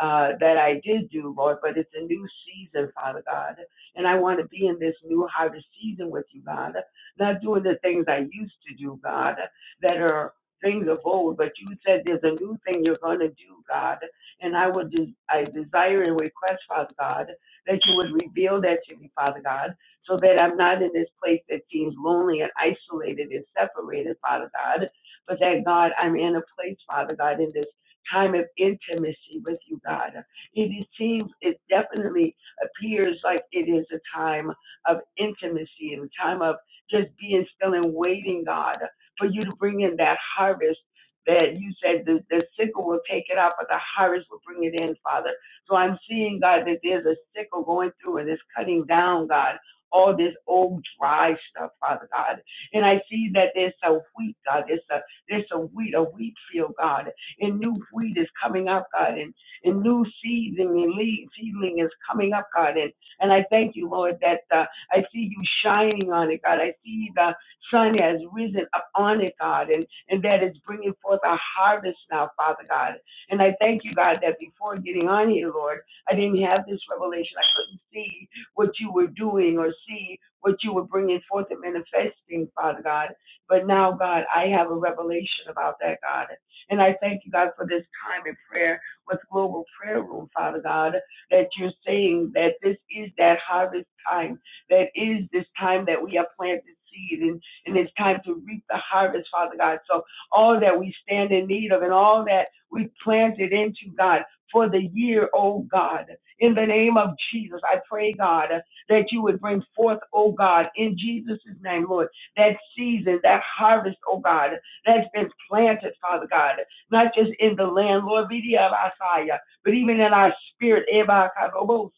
Speaker 7: uh, that I did do, Lord, but it's a new season, Father God. And I want to be in this new harvest season with you, God, not doing the things I used to do, God, that are things of old, but you said there's a new thing you're going to do, God. And I would, des- I desire and request, Father God, that you would reveal that to me, Father God, so that I'm not in this place that seems lonely and isolated and separated, Father God, but that God, I'm in a place, Father God, in this time of intimacy with you, God. It seems, it definitely appears like it is a time of intimacy and a time of just being still and waiting, God, for you to bring in that harvest that you said the, the sickle will take it out, but the harvest will bring it in, Father. So I'm seeing, God, that there's a sickle going through and it's cutting down, God, all this old dry stuff, Father God. And I see that there's a wheat, God. There's a, there's a wheat, a wheat field, God and new wheat is coming up, God, and, and new seeds and le- seedling is coming up, God. And, and I thank you, Lord, that uh, I see you shining on it, God. I see the sun has risen up on it, God, and, and that it's bringing forth a harvest now, Father God. And I thank you, God, that before getting on here, Lord, I didn't have this revelation. I couldn't see what you were doing or see what you were bringing forth and manifesting, Father God. But now, God, I have a revelation about that, God. And I thank you, God, for this time in prayer with Global Prayer Room, Father God, that you're saying that this is that harvest time, that is this time that we have planted seed and, and it's time to reap the harvest, Father God. So all that we stand in need of and all that we planted into, God, for the year, oh God. In the name of Jesus, I pray, God, that you would bring forth, oh God, in Jesus' name, Lord, that season, that harvest, oh God that's been planted, Father God, not just in the land, Lord, Vidiyabasaya, but even in our spirit, Ebakarobosa.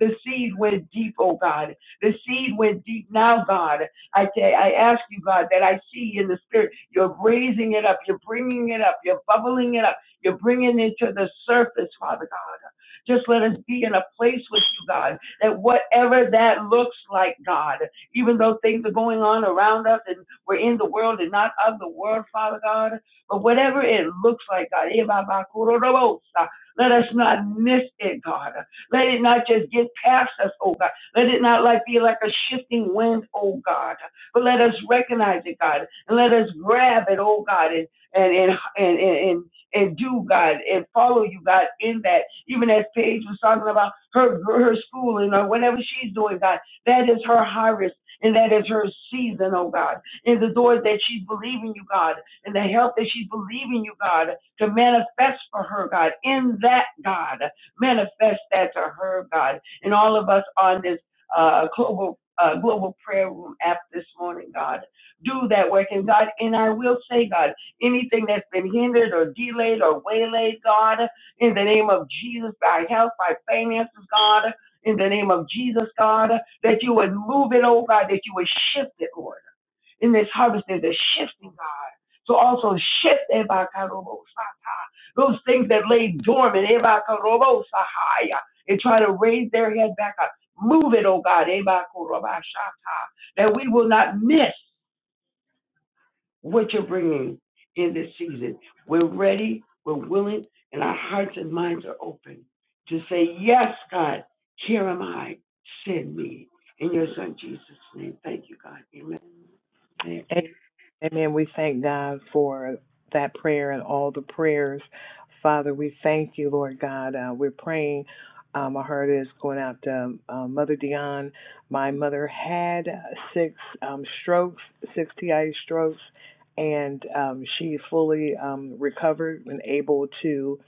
Speaker 7: the seed went deep, oh God. The seed went deep now, God. I, ta- I ask you, God, that I see in the spirit, you're raising it up, you're bringing it up, you're bubbling it up, you're bringing it to the surface, Father God. Just let us be in a place with you, God, that whatever that looks like, God, even though things are going on around us we're in the world and not of the world, Father God. But whatever it looks like, God, eh, ba, ba, kuro, ro, let us not miss it, God. Let it not just get past us, oh God. Let it not like be like a shifting wind, oh God. But let us recognize it, God, and let us grab it, oh God, and and and and and, and and do God and follow you God in that. Even as Paige was talking about her her schooling or whatever she's doing, God, that is her harvest and that is her season, oh God in the doors that she's believing you, God, and the help that she's believing you, God, to manifest for her, God, in that, God. Manifest that to her, God, and all of us on this uh, global uh, global prayer room app this morning, God. Do that work. And God, and I will say, God, anything that's been hindered or delayed or waylaid, God, in the name of Jesus, by health, by finances, God, in the name of Jesus, God, that you would move it, oh God, that you would shift it, Lord in this harvest, there's a shifting, God. So also shift Ebakarobosaha, those things that lay dormant Ebakarobosahaya, and try to raise their head back up. Move it, oh God, Ebakorobashata, that we will not miss what you're bringing in this season. We're ready, we're willing, and our hearts and minds are open to say, yes, God, here am I, send me. In your son Jesus' name, thank you, God. Amen. Thank you.
Speaker 6: Amen. We thank God for that prayer and all the prayers. Father, we thank you, Lord God. Uh, we're praying. Um, I heard it's going out to um, uh, Mother Dion. My mother had six um, strokes, six TI strokes, and um, she fully um, recovered and able to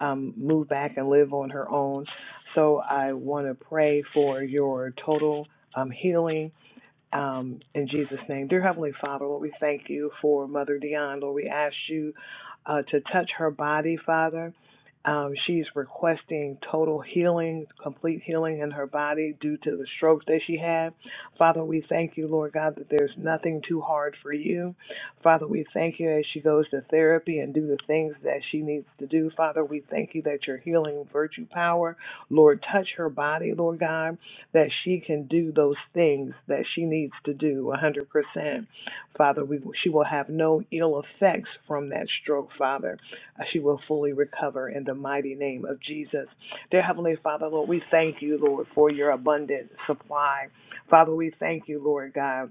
Speaker 6: um, move back and live on her own. So I want to pray for your total um, healing um, in Jesus' name. Dear Heavenly Father, Lord, we thank you for Mother Dion. Lord, we ask you uh, to touch her body, Father. Um, she's requesting total healing, complete healing in her body due to the strokes that she had. Father, we thank you, Lord God, that there's nothing too hard for you. Father, we thank you as she goes to therapy and do the things that she needs to do. Father, we thank you that your healing virtue power, Lord, touch her body, Lord God, that she can do those things that she needs to do 100%. Father, we, she will have no ill effects from that stroke, Father. Uh, She will fully recover in the mighty name of Jesus. Dear Heavenly Father, Lord, we thank you, Lord, for your abundant supply. Father, we thank you, Lord God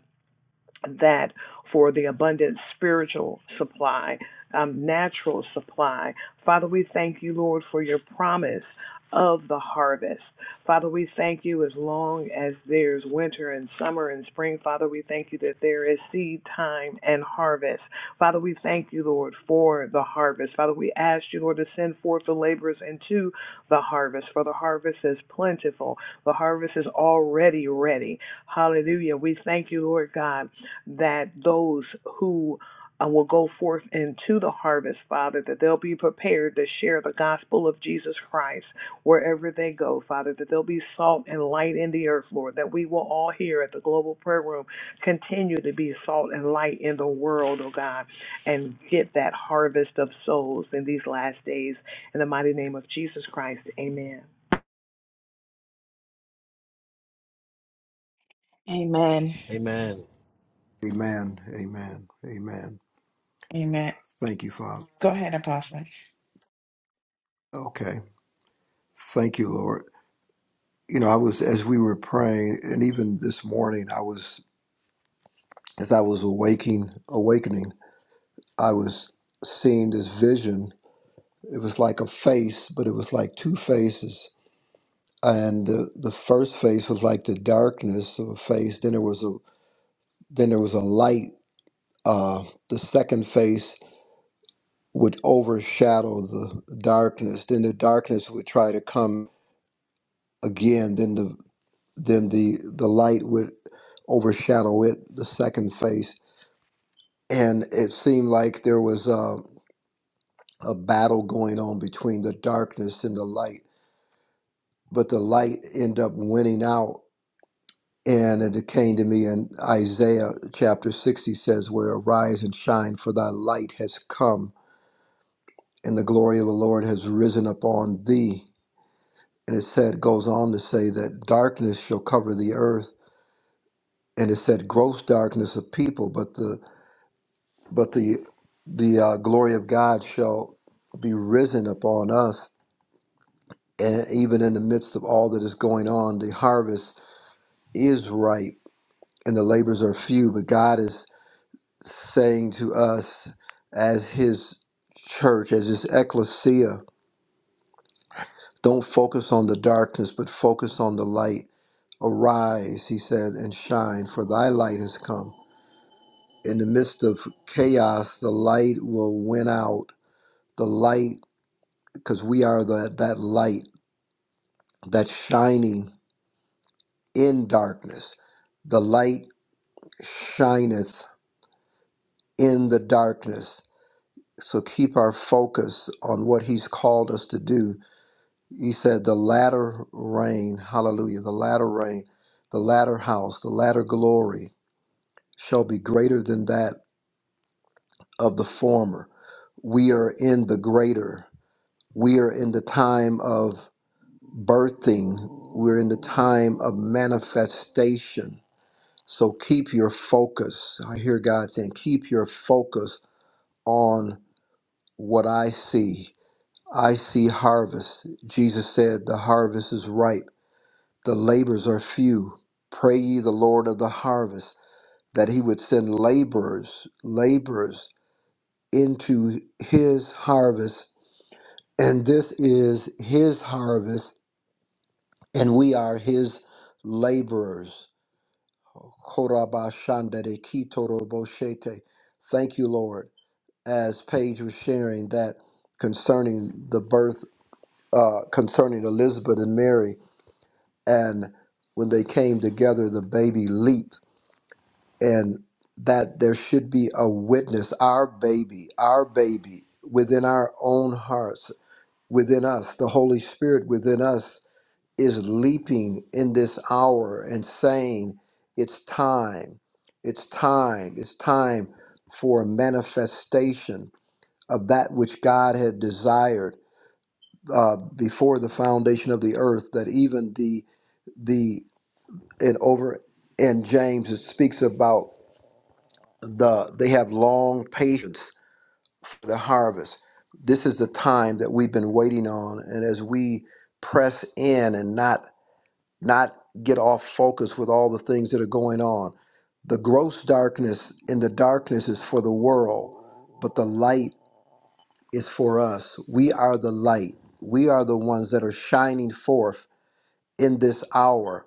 Speaker 6: that for the abundant spiritual supply, um, natural supply. Father, we thank you, Lord, for your promise of the harvest. Father, we thank you as long as there's winter and summer and spring. Father, we thank you that there is seed time and harvest. Father, we thank you, Lord, for the harvest. Father, we ask you, Lord, to send forth the laborers into the harvest, for the harvest is plentiful. The harvest is already ready. Hallelujah. We thank you, Lord God that those who uh, will go forth into the harvest, Father, that they'll be prepared to share the gospel of Jesus Christ wherever they go, Father, that they'll be salt and light in the earth, Lord, that we will all here at the Global Prayer Room continue to be salt and light in the world, oh God, and get that harvest of souls in these last days. In the mighty name of Jesus Christ, amen.
Speaker 8: Amen.
Speaker 2: Amen.
Speaker 4: Amen. Amen. Amen.
Speaker 8: Amen.
Speaker 4: Thank you, Father.
Speaker 8: Go ahead, Apostle.
Speaker 4: Okay. Thank you, Lord. You know, I was as we were praying, and even this morning, I was as I was awaking, awakening, I was seeing this vision It was like a face, but it was like two faces. And the, the first face was like the darkness of a face. Then there was a then there was a light. Uh, the second face would overshadow the darkness. Then the darkness would try to come again. Then the then the the light would overshadow it. The second face, and it seemed like there was a, a battle going on between the darkness and the light. But the light ended up winning out And it came to me in Isaiah chapter 60 says, Where arise and shine, for thy light has come, and the glory of the Lord has risen upon thee. And it said, goes on to say that darkness shall cover the earth. And it said, gross darkness of people, but the but the the uh, glory of God shall be risen upon us. And even in the midst of all that is going on, the harvest is ripe and the labors are few, but God is saying to us as his church, as his ecclesia, don't focus on the darkness, but focus on the light. Arise, he said, and shine, for thy light has come. In the midst of chaos, the light will win out. The light, because we are the, that light that's shining in darkness. The light shineth in the darkness. So keep our focus on what he's called us to do you said the latter rain, hallelujah, the latter rain, the latter house, the latter glory shall be greater than that of the former. We are in the greater. We are in the time of birthing. We're in the time of manifestation. So keep your focus. I hear God saying, keep your focus on what I see. I see harvest. Jesus said, the harvest is ripe The labors are few. Pray ye the Lord of the harvest that he would send laborers, laborers into his harvest. And this is his harvest, and we are his laborers. Korabashandere kitoroboshete. Thank you, Lord, as Paige was sharing that concerning the birth, uh, concerning Elizabeth and Mary, and when they came together, the baby leaped and that there should be a witness, our baby, our baby within our own hearts, within us, the Holy Spirit within us is leaping in this hour and saying, It's time, it's time, it's time for a manifestation of that which God had desired uh, before the foundation of the earth, that even the, the, and over in James, it speaks about. the they have long patience for the harvest. This is the time that we've been waiting on, and as we press in and not not get off focus with all the things that are going on, the gross darkness in the darkness is for the world, but the light is for us. We are the light. We are the ones that are shining forth in this hour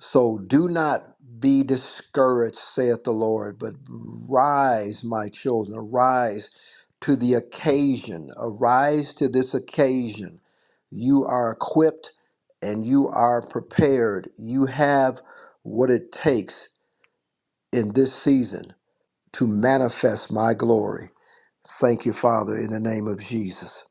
Speaker 4: so do not be discouraged, saith the Lord, but rise, my children, arise to the occasion. Arise to this occasion. You are equipped and you are prepared. You have what it takes in this season to manifest my glory. Thank you, Father, in the name of Jesus.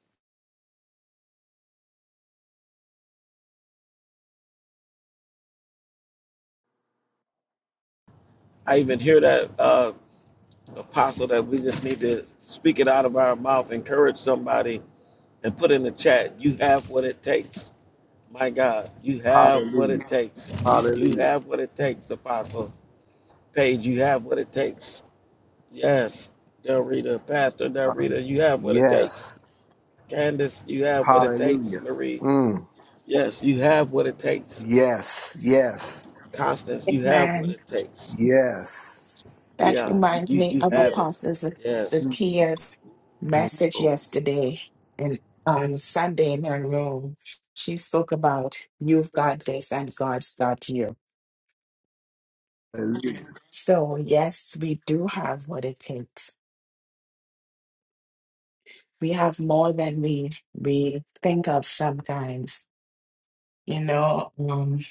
Speaker 2: I even hear that uh apostle that we just need to speak it out of our mouth, encourage somebody and put in the chat, you have what it takes. My God, you have what it
Speaker 4: Hallelujah.
Speaker 2: takes. You you
Speaker 4: Hallelujah.
Speaker 2: have what it takes, Apostle Paige. You have what it takes. Yes, Del Rita, Pastor Del
Speaker 4: Hallelujah.
Speaker 2: Rita, you have what it takes.
Speaker 4: Yes.
Speaker 2: Candace, you have what it takes.
Speaker 4: Hallelujah.
Speaker 2: Marie,
Speaker 4: Mm.
Speaker 2: yes, you have what it takes.
Speaker 4: Yes. Yes.
Speaker 2: Constance, you have what
Speaker 8: Amen.
Speaker 2: it takes.
Speaker 4: Yes.
Speaker 8: That
Speaker 2: Dion, you,
Speaker 8: reminds
Speaker 2: you,
Speaker 8: me
Speaker 2: you
Speaker 8: of
Speaker 2: have it.
Speaker 4: Yes.
Speaker 8: Apostle Za-
Speaker 2: Yes.
Speaker 4: Mm.
Speaker 8: Zakia's
Speaker 4: Thank you,
Speaker 8: message
Speaker 4: Lord.
Speaker 8: yesterday and on Sunday in her room. She spoke about you've got this and God's got you.
Speaker 4: Hallelujah.
Speaker 8: So yes, we do have what it takes. We have more than we we think of sometimes. You know, um,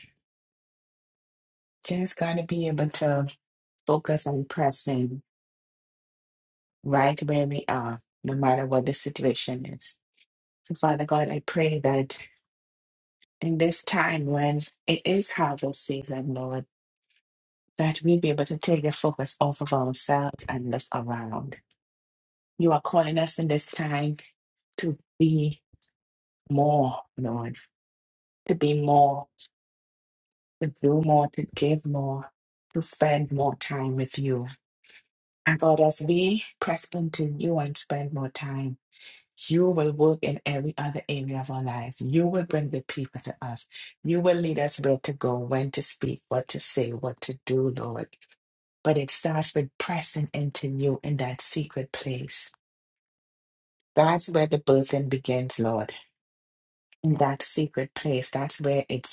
Speaker 8: just gotta be able to focus on pressing right where we are, no matter what the situation is. So, Father God, I pray that in this time when it is harvest season, Lord, that we'll be able to take the focus off of ourselves and look around. You are calling us in this time to be more, Lord, to be more, to do more, to give more, to spend more time with you. And God, as we press into you and spend more time, You will work in every other area of our lives. You will bring the people to us. You will lead us where to go, when to speak, what to say, what to do, Lord. But it starts with pressing into you in that secret place. That's where the birthing begins, Lord. In that secret place, that's where it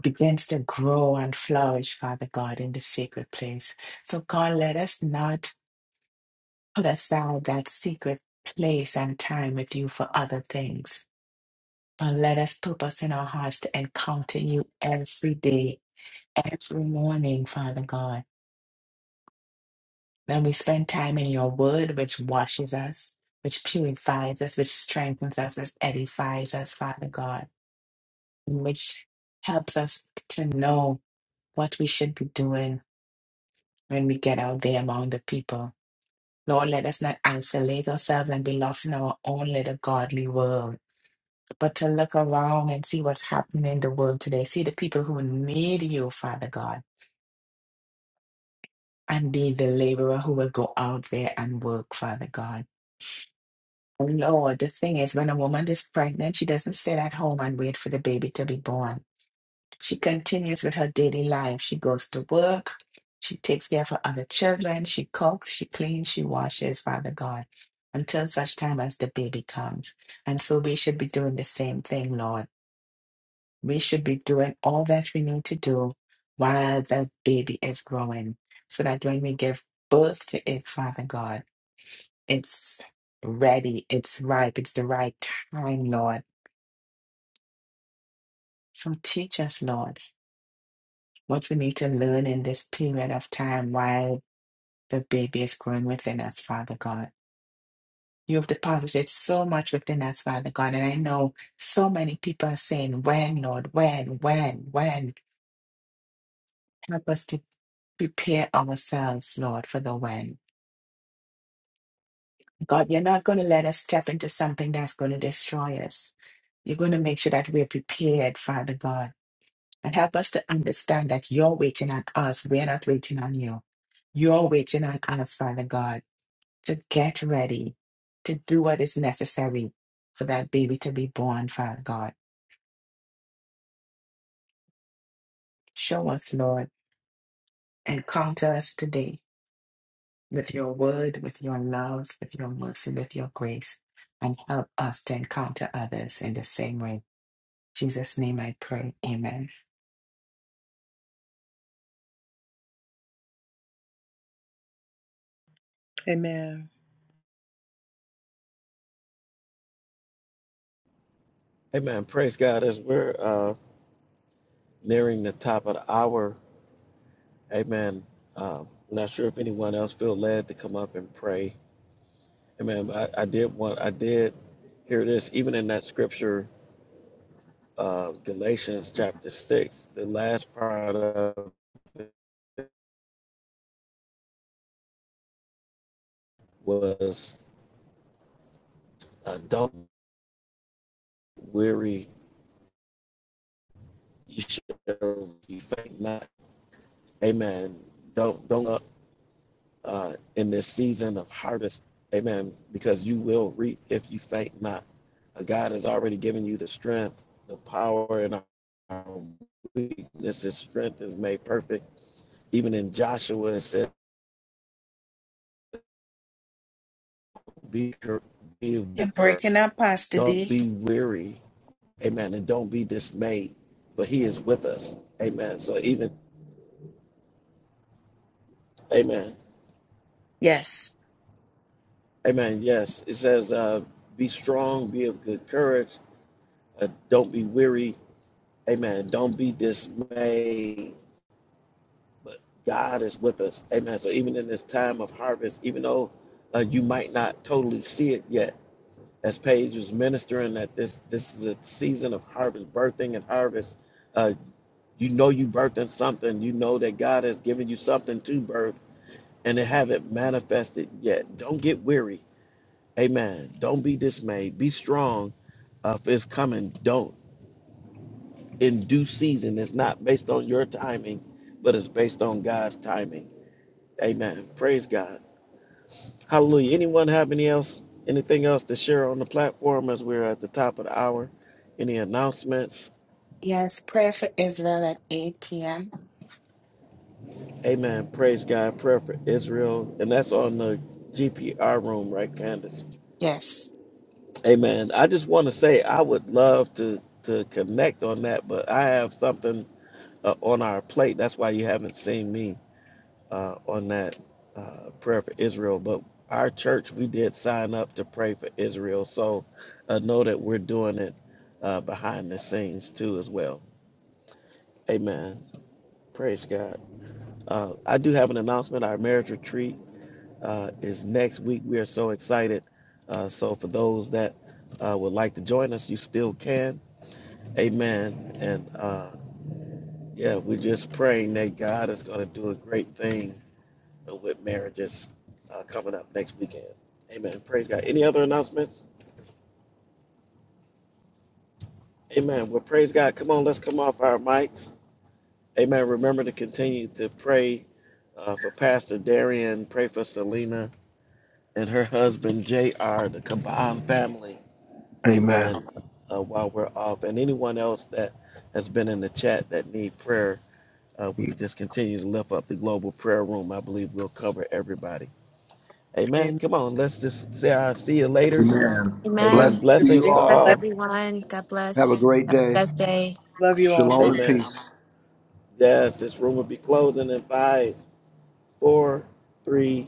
Speaker 8: begins to grow and flourish, Father God, in the secret place. So, God, let us not put aside that secret place and time with you for other things And let us purpose in our hearts to encounter you every day, every morning, Father God. That we spend time in your word, which washes us, which purifies us, which strengthens us, which edifies us, Father God, and which helps us to know what we should be doing when we get out there among the people. Lord, let us not isolate ourselves and be lost in our own little godly world, but to look around and see what's happening in the world today. See the people who need you, Father God and be the laborer who will go out there and work, Father God. And Lord, the thing is, when a woman is pregnant, she doesn't sit at home and wait for the baby to be born. She continues with her daily life. She goes to work. She takes care of her other children. She cooks, she cleans, she washes, Father God, until such time as the baby comes. And so we should be doing the same thing, Lord. We should be doing all that we need to do while the baby is growing so that when we give birth to it, Father God, It's ready. It's ripe. It's the right time, Lord. So teach us, Lord, what we need to learn in this period of time while the baby is growing within us, Father God. You have deposited so much within us, Father God. And I know so many people are saying, when, Lord, when, when, when. Help us to prepare ourselves, Lord, for the when. God, you're not going to let us step into something that's going to destroy us. You're going to make sure that we're prepared, Father God And help us to understand that you're waiting on us. We're not waiting on you. You're waiting on us, Father God, to get ready, to do what is necessary for that baby to be born, Father God. Show us, Lord, encounter us today with your word, with your love, with your mercy, with your grace, and help us to encounter others in the same way. In Jesus' name I pray. Amen.
Speaker 6: Amen.
Speaker 2: Amen. Praise God. As we're uh, nearing the top of the hour, amen. Um, I'm not sure if anyone else feel led to come up and pray Amen. I, I did want I did hear this even in that scripture, uh, Galatians chapter six. The last part of it was, uh, "Don't weary, you shall be faint not." Amen. Don't don't uh, uh, in this season of harvest. Amen. Because you will reap if you faint not. Uh, God has already given you the strength, the power, and our weakness. His strength is made perfect Even in Joshua, it says, be, be of
Speaker 8: You're
Speaker 2: good courage.
Speaker 8: breaking up, Pastor
Speaker 2: Don't
Speaker 8: D.
Speaker 2: be weary. Amen. And don't be dismayed, for he is with us. Amen. So even, amen.
Speaker 8: Yes.
Speaker 2: Amen. Yes. It says, uh, be strong, be of good courage. Uh, don't be weary. Amen. Don't be dismayed. But God is with us. Amen. So even in this time of harvest, even though uh, you might not totally see it yet, as Paige was ministering that this this is a season of harvest, birthing and harvest. Uh, you know you birthing something. You know that God has given you something to birth, and it haven't manifested yet. Don't get weary. Amen. Don't be dismayed. Be strong. Uh, if it's coming, don't in due season. It's not based on your timing, but it's based on God's timing. Amen. Praise God. Hallelujah. Anyone have any else, anything else to share on the platform as we're at the top of the hour? Any announcements?
Speaker 8: Yes, prayer for Israel at 8 p.m.
Speaker 2: Amen. Praise God. Prayer for Israel. And that's on the GPR room, right, Candace?
Speaker 8: Yes.
Speaker 2: Amen. I just want to say I would love to to connect on that, but I have something uh, on our plate. That's why you haven't seen me. uh, on that uh, prayer for Israel. But our church, we did sign up to pray for Israel. So uh, know that we're doing it uh, behind the scenes too as well. Amen. Praise God. Uh, I do have an announcement. Our marriage retreat uh, is next week. We are so excited. Uh, so for those that uh, would like to join us, you still can. Amen. And uh, yeah, we're just praying that God is going to do a great thing with marriages uh, coming up next weekend. Amen. Praise God. Any other announcements? Amen. Well, praise God. Come on, let's come off our mics. Amen. Remember to continue to pray uh, for Pastor Darian. Pray for Selena and her husband, J.R., the Kaban family.
Speaker 4: Amen.
Speaker 2: Amen. Uh, while we're off. And anyone else that has been in the chat that need prayer, uh, if we could just continue to lift up the global prayer room. I believe we'll cover everybody. Amen.
Speaker 6: Amen.
Speaker 2: Come on, let's just say our see you later
Speaker 4: Amen.
Speaker 2: Amen.
Speaker 5: and
Speaker 4: Blessings to you
Speaker 2: Blessings
Speaker 6: Yeah.
Speaker 2: to
Speaker 4: all.
Speaker 2: all.
Speaker 4: Have a great day.
Speaker 5: amen.
Speaker 6: Love you all.
Speaker 4: Shalom and
Speaker 2: Amen.
Speaker 4: peace.
Speaker 2: Yes, this room will be closing in five, four, three,